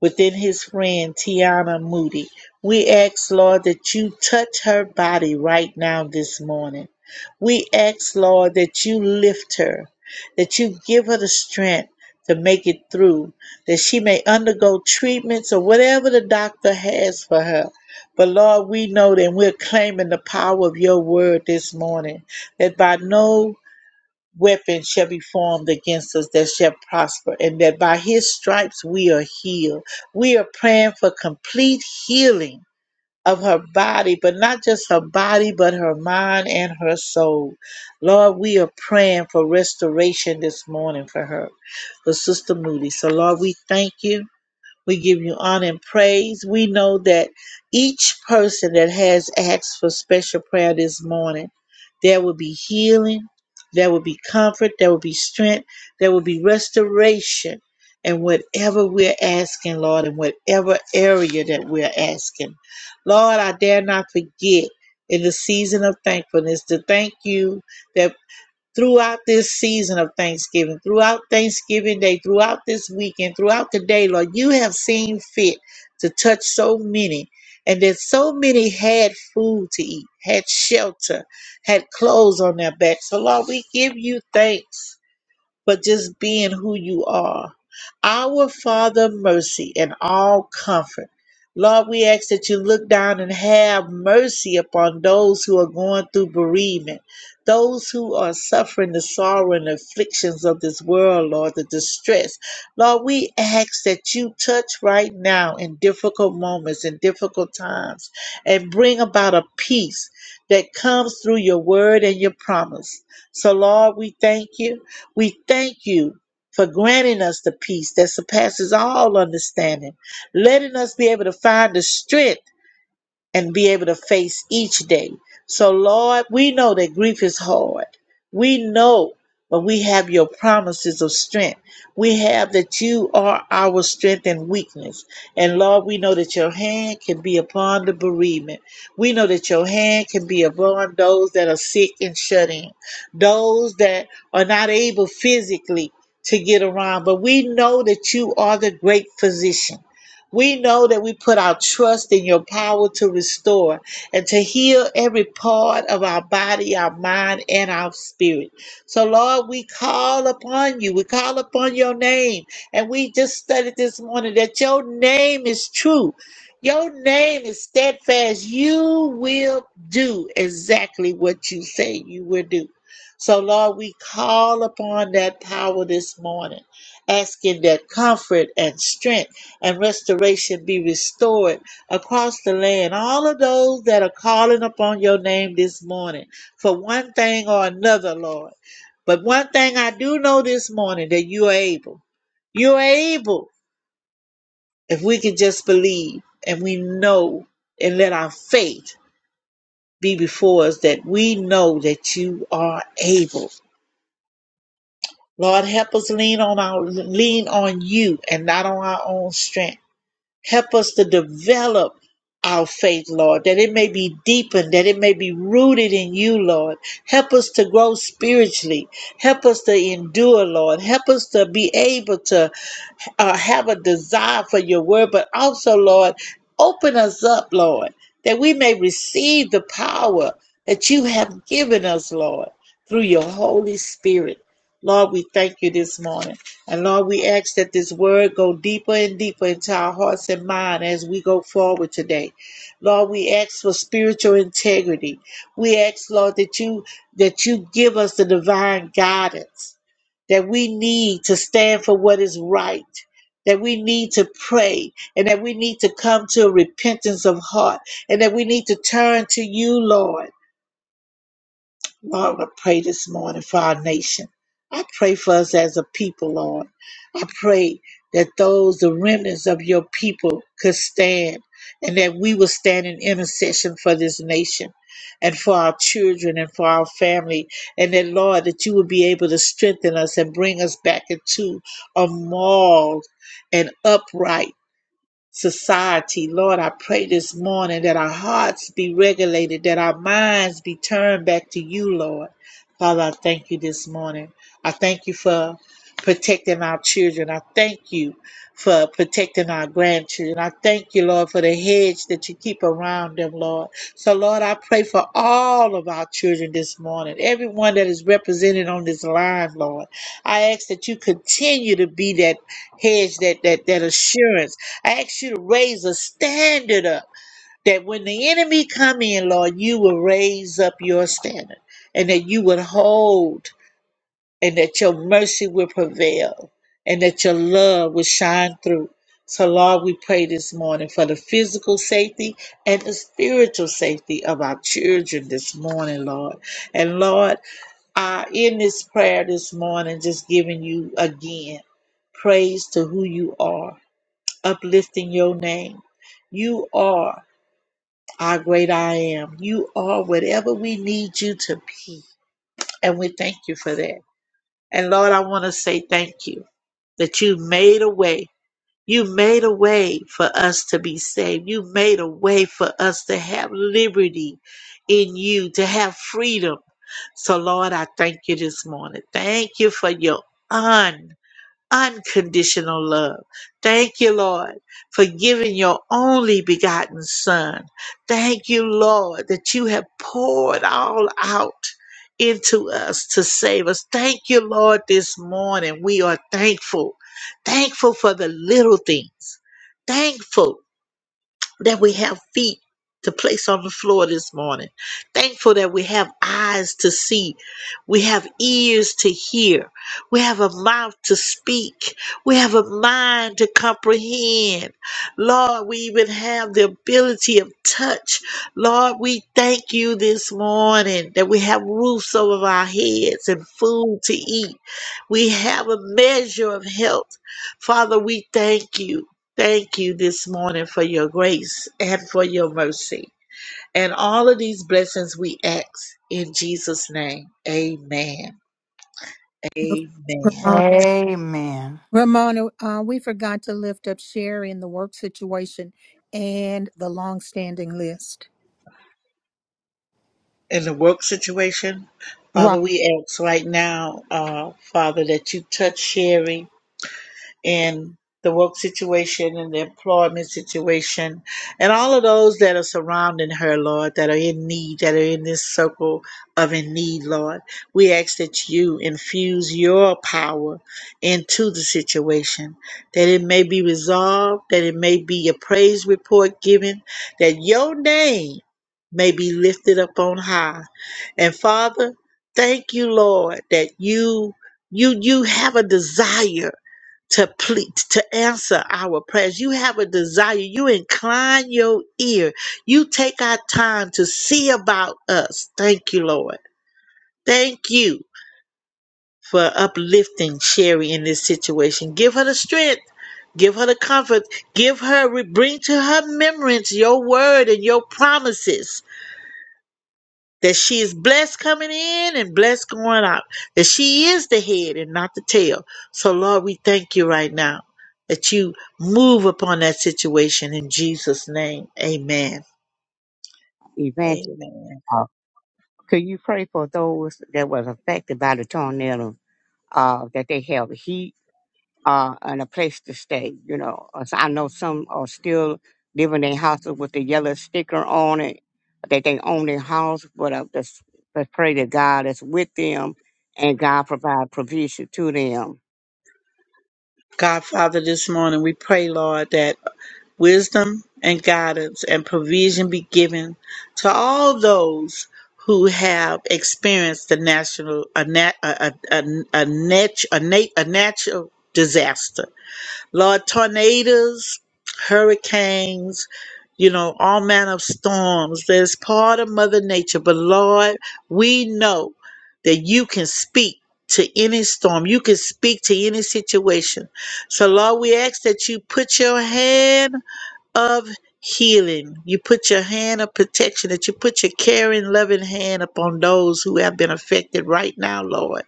within his friend Tiana Moody. We ask, Lord, that you touch her body right now this morning. We ask, Lord, that you lift her, that you give her the strength to make it through, that she may undergo treatments or whatever the doctor has for her. But Lord, we know that we're claiming the power of your word this morning, that by no weapon shall be formed against us that shall prosper, and that by his stripes we are healed. We are praying for complete healing of her body, but not just her body, but her mind and her soul. Lord, we are praying for restoration this morning for her, for Sister Moody. So, Lord, we thank you. We give you honor and praise. We know that each person that has asked for special prayer this morning, there will be healing, there will be comfort, there will be strength, there will be restoration. And whatever we're asking, Lord, in whatever area that we're asking, Lord, I dare not forget in the season of thankfulness to thank you that throughout this season of Thanksgiving, throughout Thanksgiving Day, throughout this weekend, throughout the day, Lord, you have seen fit to touch so many. And that so many had food to eat, had shelter, had clothes on their back. So, Lord, we give you thanks for just being who you are our Father, mercy and all comfort. Lord, we ask that you look down and have mercy upon those who are going through bereavement, those who are suffering the sorrow and afflictions of this world, Lord, the distress. Lord, we ask that you touch right now in difficult moments, in difficult times, and bring about a peace that comes through your word and your promise. So, Lord, we thank you. We thank you for granting us the peace that surpasses all understanding, letting us be able to find the strength and be able to face each day. So, Lord, we know that grief is hard. We know, but we have your promises of strength. We have that you are our strength and weakness. And Lord, we know that your hand can be upon the bereavement. We know that your hand can be upon those that are sick and shut in, those that are not able physically to get around. But we know that you are the great physician. We know that we put our trust in your power to restore and to heal every part of our body, our mind, and our spirit. So, Lord, we call upon you. We call upon your name. And we just studied this morning that your name is true. Your name is steadfast. You will do exactly what you say you will do. So, Lord, we call upon that power this morning, asking that comfort and strength and restoration be restored across the land. All of those that are calling upon your name this morning for one thing or another, Lord. But one thing I do know this morning that you are able. You are able if we can just believe and we know and let our faith be before us that we know that you are able. Lord, help us lean on our lean on you and not on our own strength. Help us to develop our faith, Lord, that it may be deepened, that it may be rooted in you, Lord. Help us to grow spiritually. Help us to endure, Lord. Help us to be able to uh, have a desire for your word, but also, Lord, open us up, Lord, that we may receive the power that you have given us, Lord, through your Holy Spirit. Lord, we thank you this morning. And Lord, we ask that this word go deeper and deeper into our hearts and minds as we go forward today. Lord, we ask for spiritual integrity. We ask, Lord, that you that you give us the divine guidance that we need to stand for what is right that we need to pray and that we need to come to a repentance of heart and that we need to turn to you, Lord. Lord, I pray this morning for our nation. I pray for us as a people, Lord. I pray that those, the remnants of your people, could stand and that we will stand in intercession for this nation and for our children and for our family. And that, Lord, that you will be able to strengthen us and bring us back into a moral and upright society. Lord, I pray this morning that our hearts be regulated, that our minds be turned back to you, Lord. Father, I thank you this morning. I thank you for protecting our children. I thank you for protecting our grandchildren. I thank you, Lord, for the hedge that you keep around them, Lord. So, Lord, I pray for all of our children this morning, everyone that is represented on this line, Lord. I ask that you continue to be that hedge, that that that assurance I ask you to raise a standard up that when the enemy come in, Lord, you will raise up your standard and that you would hold and that your mercy will prevail and that your love will shine through. So, Lord, we pray this morning for the physical safety and the spiritual safety of our children this morning, Lord. And, Lord, uh, in this prayer this morning, just giving you again praise to who you are uplifting your name. You are our great I am. You are whatever we need you to be. And we thank you for that. And Lord, I want to say thank you that you made a way. You made a way for us to be saved. You made a way for us to have liberty in you, to have freedom. So, Lord, I thank you this morning. Thank you for your unconditional love. Thank you, Lord, for giving your only begotten Son. Thank you, Lord, that you have poured all out into us to save us. Thank you, Lord, this morning. We are thankful. Thankful for the little things. Thankful that we have feet to place on the floor this morning. Thankful that we have eyes to see. We have ears to hear. We have a mouth to speak. We have a mind to comprehend. Lord, we even have the ability of touch. Lord, we thank you this morning that we have roofs over our heads and food to eat. We have a measure of health. Father, we thank you. Thank you this morning for your grace and for your mercy. And all of these blessings we ask in Jesus' name. Amen. Amen. Ramona. Amen. Ramona, uh, we forgot to lift up Sherry in the work situation and the long-standing list. In the work situation, Right. Father, we ask right now, uh, Father, that you touch Sherry. in the work situation and the employment situation and all of those that are surrounding her, Lord, that are in need, that are in this circle of in need, Lord. We ask that you infuse your power into the situation, that it may be resolved, that it may be a praise report given, that your name may be lifted up on high. And Father, thank you, Lord, that you you you have a desire to plead, to answer our prayers. You have a desire. You incline your ear. You take our time to see about us. Thank you, Lord. Thank you for uplifting Sherry in this situation. Give her the strength. Give her the comfort. Give her, bring to her remembrance your word and your promises that she is blessed coming in and blessed going out, that she is the head and not the tail. So, Lord, we thank you right now that you move upon that situation in Jesus' name. Amen. Evangelist. Amen. Could you pray for those that was affected by the tornado, uh, that they have heat, uh, and a place to stay? You know, As I know some are still living in houses with the yellow sticker on it, that they own their house, but I just, just pray that God is with them and God provide provision to them. God, Father, this morning we pray, Lord, that wisdom and guidance and provision be given to all those who have experienced a national a, nat, a, a, a, a, nat, a, nat, a natural disaster Lord, tornadoes, hurricanes, you know, all manner of storms. That's part of Mother Nature. But Lord, we know that you can speak to any storm. You can speak to any situation. So Lord, we ask that you put your hand of healing. You put your hand of protection, that you put your caring, loving hand upon those who have been affected right now, Lord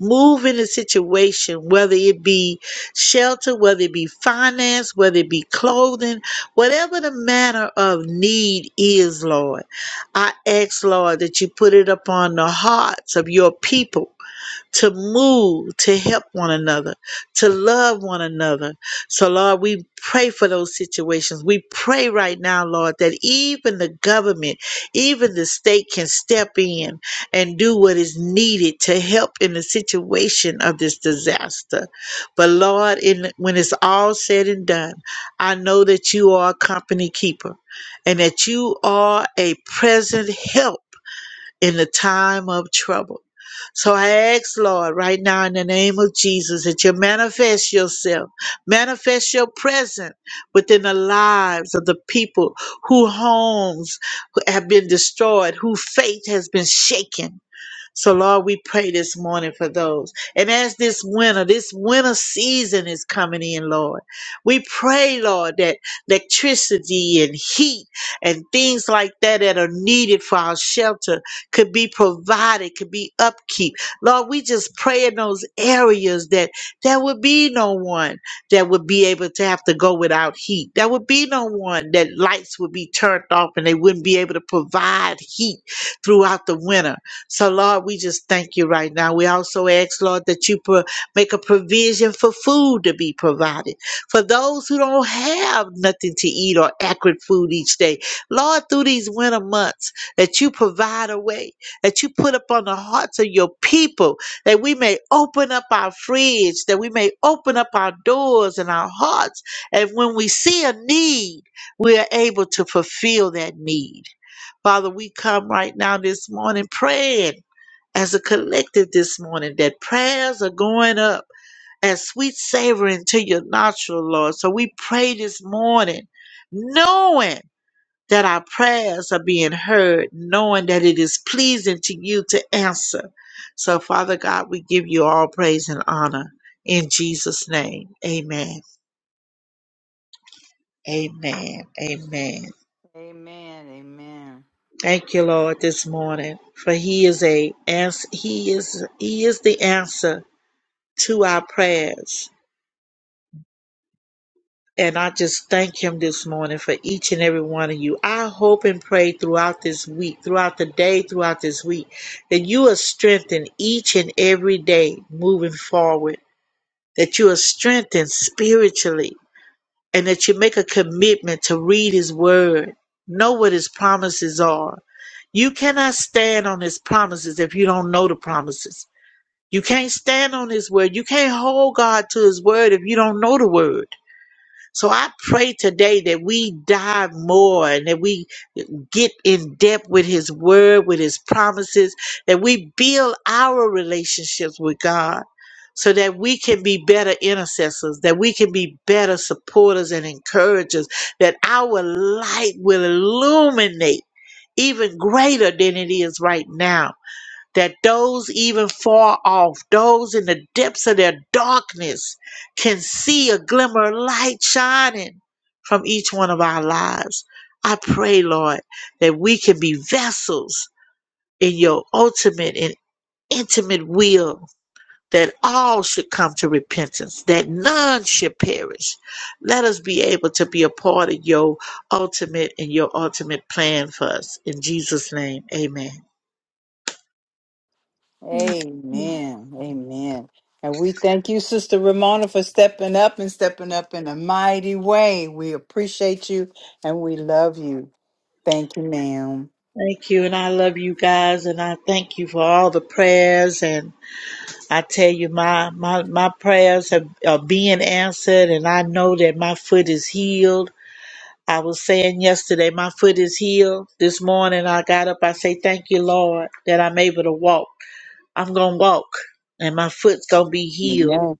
move in a situation, whether it be shelter, whether it be finance, whether it be clothing, whatever the matter of need is, Lord. I ask, Lord, that you put it upon the hearts of your people to move, to help one another, to love one another. So, Lord, we pray for those situations. We pray right now, Lord, that even the government, even the state can step in and do what is needed to help in the situation of this disaster. But, Lord, in, when it's all said and done, I know that you are a company keeper and that you are a present help in the time of trouble. So I ask, Lord, right now in the name of Jesus, that you manifest yourself, manifest your presence within the lives of the people whose homes have been destroyed, whose faith has been shaken so, Lord, we pray this morning for those. And as this winter, this winter season is coming in, Lord, we pray, Lord, that electricity and heat and things like that that are needed for our shelter could be provided, could be upkeep. Lord, we just pray in those areas that there would be no one that would be able to have to go without heat. There would be no one that lights would be turned off and they wouldn't be able to provide heat throughout the winter. So, Lord, we just thank you right now. We also ask, Lord, that you pro- make a provision for food to be provided for those who don't have nothing to eat or adequate food each day. Lord, through these winter months, that you provide a way, that you put upon the hearts of your people, that we may open up our fridge, that we may open up our doors and our hearts. And when we see a need, we are able to fulfill that need. Father, we come right now this morning praying as a collective this morning that prayers are going up as sweet savoring to your nostril, Lord. So we pray this morning knowing that our prayers are being heard, knowing that it is pleasing to you to answer. So, Father God, we give you all praise and honor in Jesus' name. Amen. Amen. Amen. Amen. Amen. Thank you, Lord, this morning, for He is a ans- He is He is the answer to our prayers. And I just thank Him this morning for each and every one of you. I hope and pray throughout this week, throughout the day, throughout this week, that you are strengthened each and every day moving forward. That you are strengthened spiritually, and that you make a commitment to read His Word, know what His promises are You cannot stand on his promises if you don't know the promises. You can't stand on his word. You can't hold God to his word if you don't know the word. So I pray today that we dive more and that we get in depth with his word, with his promises, that we build our relationships with God so that we can be better intercessors, that we can be better supporters and encouragers, that our light will illuminate even greater than it is right now that those even far off, those in the depths of their darkness, can see a glimmer of light shining from each one of our lives. I pray, Lord, that we can be vessels in your ultimate and intimate will, that all should come to repentance, that none should perish. Let us be able to be a part of your ultimate and your ultimate plan for us. In Jesus' name, amen. Amen. Amen. And we thank you, Sister Ramona, for stepping up and stepping up in a mighty way. We appreciate you and we love you. Thank you, ma'am. Thank you, and I love you guys, and I thank you for all the prayers. And I tell you, my my my prayers have, are being answered, and I know that my foot is healed. I was saying yesterday, my foot is healed. This morning, I got up. I say, "Thank you, Lord, that I'm able to walk. I'm gonna walk, and my foot's gonna be healed." Amen.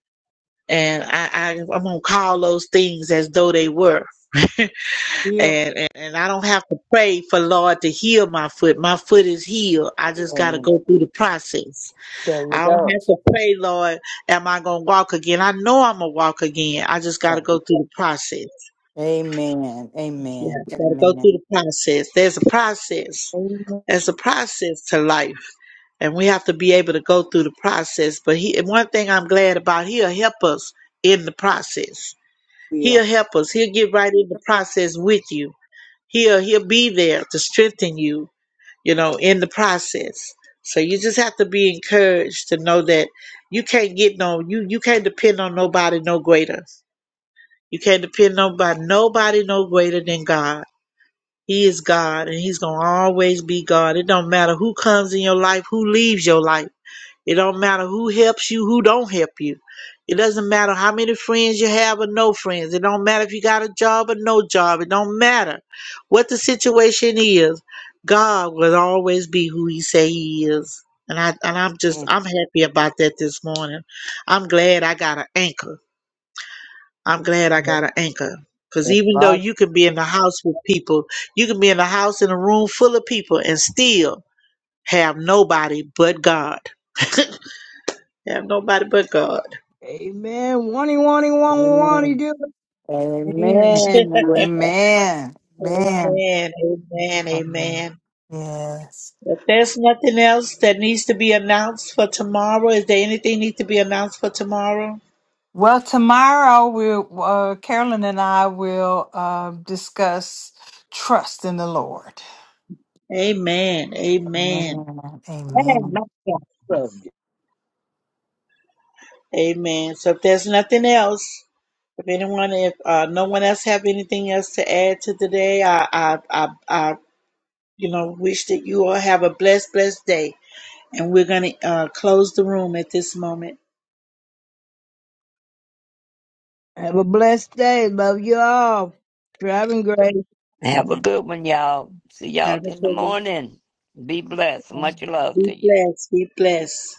And I, I I'm gonna call those things as though they were. Heal, and, and and I don't have to pray for Lord to heal my foot. My foot is healed. I just heal, got to Amen. go through the process. There you I don't go. have to pray, Lord, am I gonna walk again? I know I'm gonna walk again. I just got to Well, go through the process. amen. Yeah, Amen. got to go through Amen. the process. There's a process. There's a process to life, and we have to be able to go through the process. But he, and one thing I'm glad about, he'll help us in the process. heal, He'll help us. He'll get right in the process with you he'll he'll be there to strengthen you you know in the process so you just have to be encouraged to know that you can't get no you you can't depend on nobody no greater you can't depend on by nobody no greater than god he is god and he's gonna always be god it don't matter who comes in your life who leaves your life it don't matter who helps you, who don't help you. It doesn't matter how many friends you have or no friends. It don't matter if you got a job or no job. It don't matter what the situation is. God will always be who he say he is. And I and I'm just and I'm happy about that this morning. I'm glad I got an anchor. I'm glad I got an anchor. Cause it's even though you can be in the house with people, you can be in the house in a room full of people and still have nobody but God. Have nobody but God. Amen. Wani, wani, wani, wani, Amen. do Amen. Amen. right. Amen. Amen. Amen. Amen. Amen. Amen. Yes. If there's nothing else that needs to be announced for tomorrow, is there anything need to be announced for tomorrow? Well, tomorrow we'll uh, Carolyn and I will uh, discuss trust in the Lord. Amen. Amen. Amen. Amen. it. Amen. So if there's nothing else, if anyone, if uh, no one else have anything else to add to today, I, I, I, I, you know, wish that you all have a blessed, blessed day. And we're gonna uh, close the room at this moment. Have a blessed day. Love you all. Driving great. Have a good one, y'all. See y'all Have a in the good morning. Be blessed. one. Much love Be to you. blessed. Be blessed.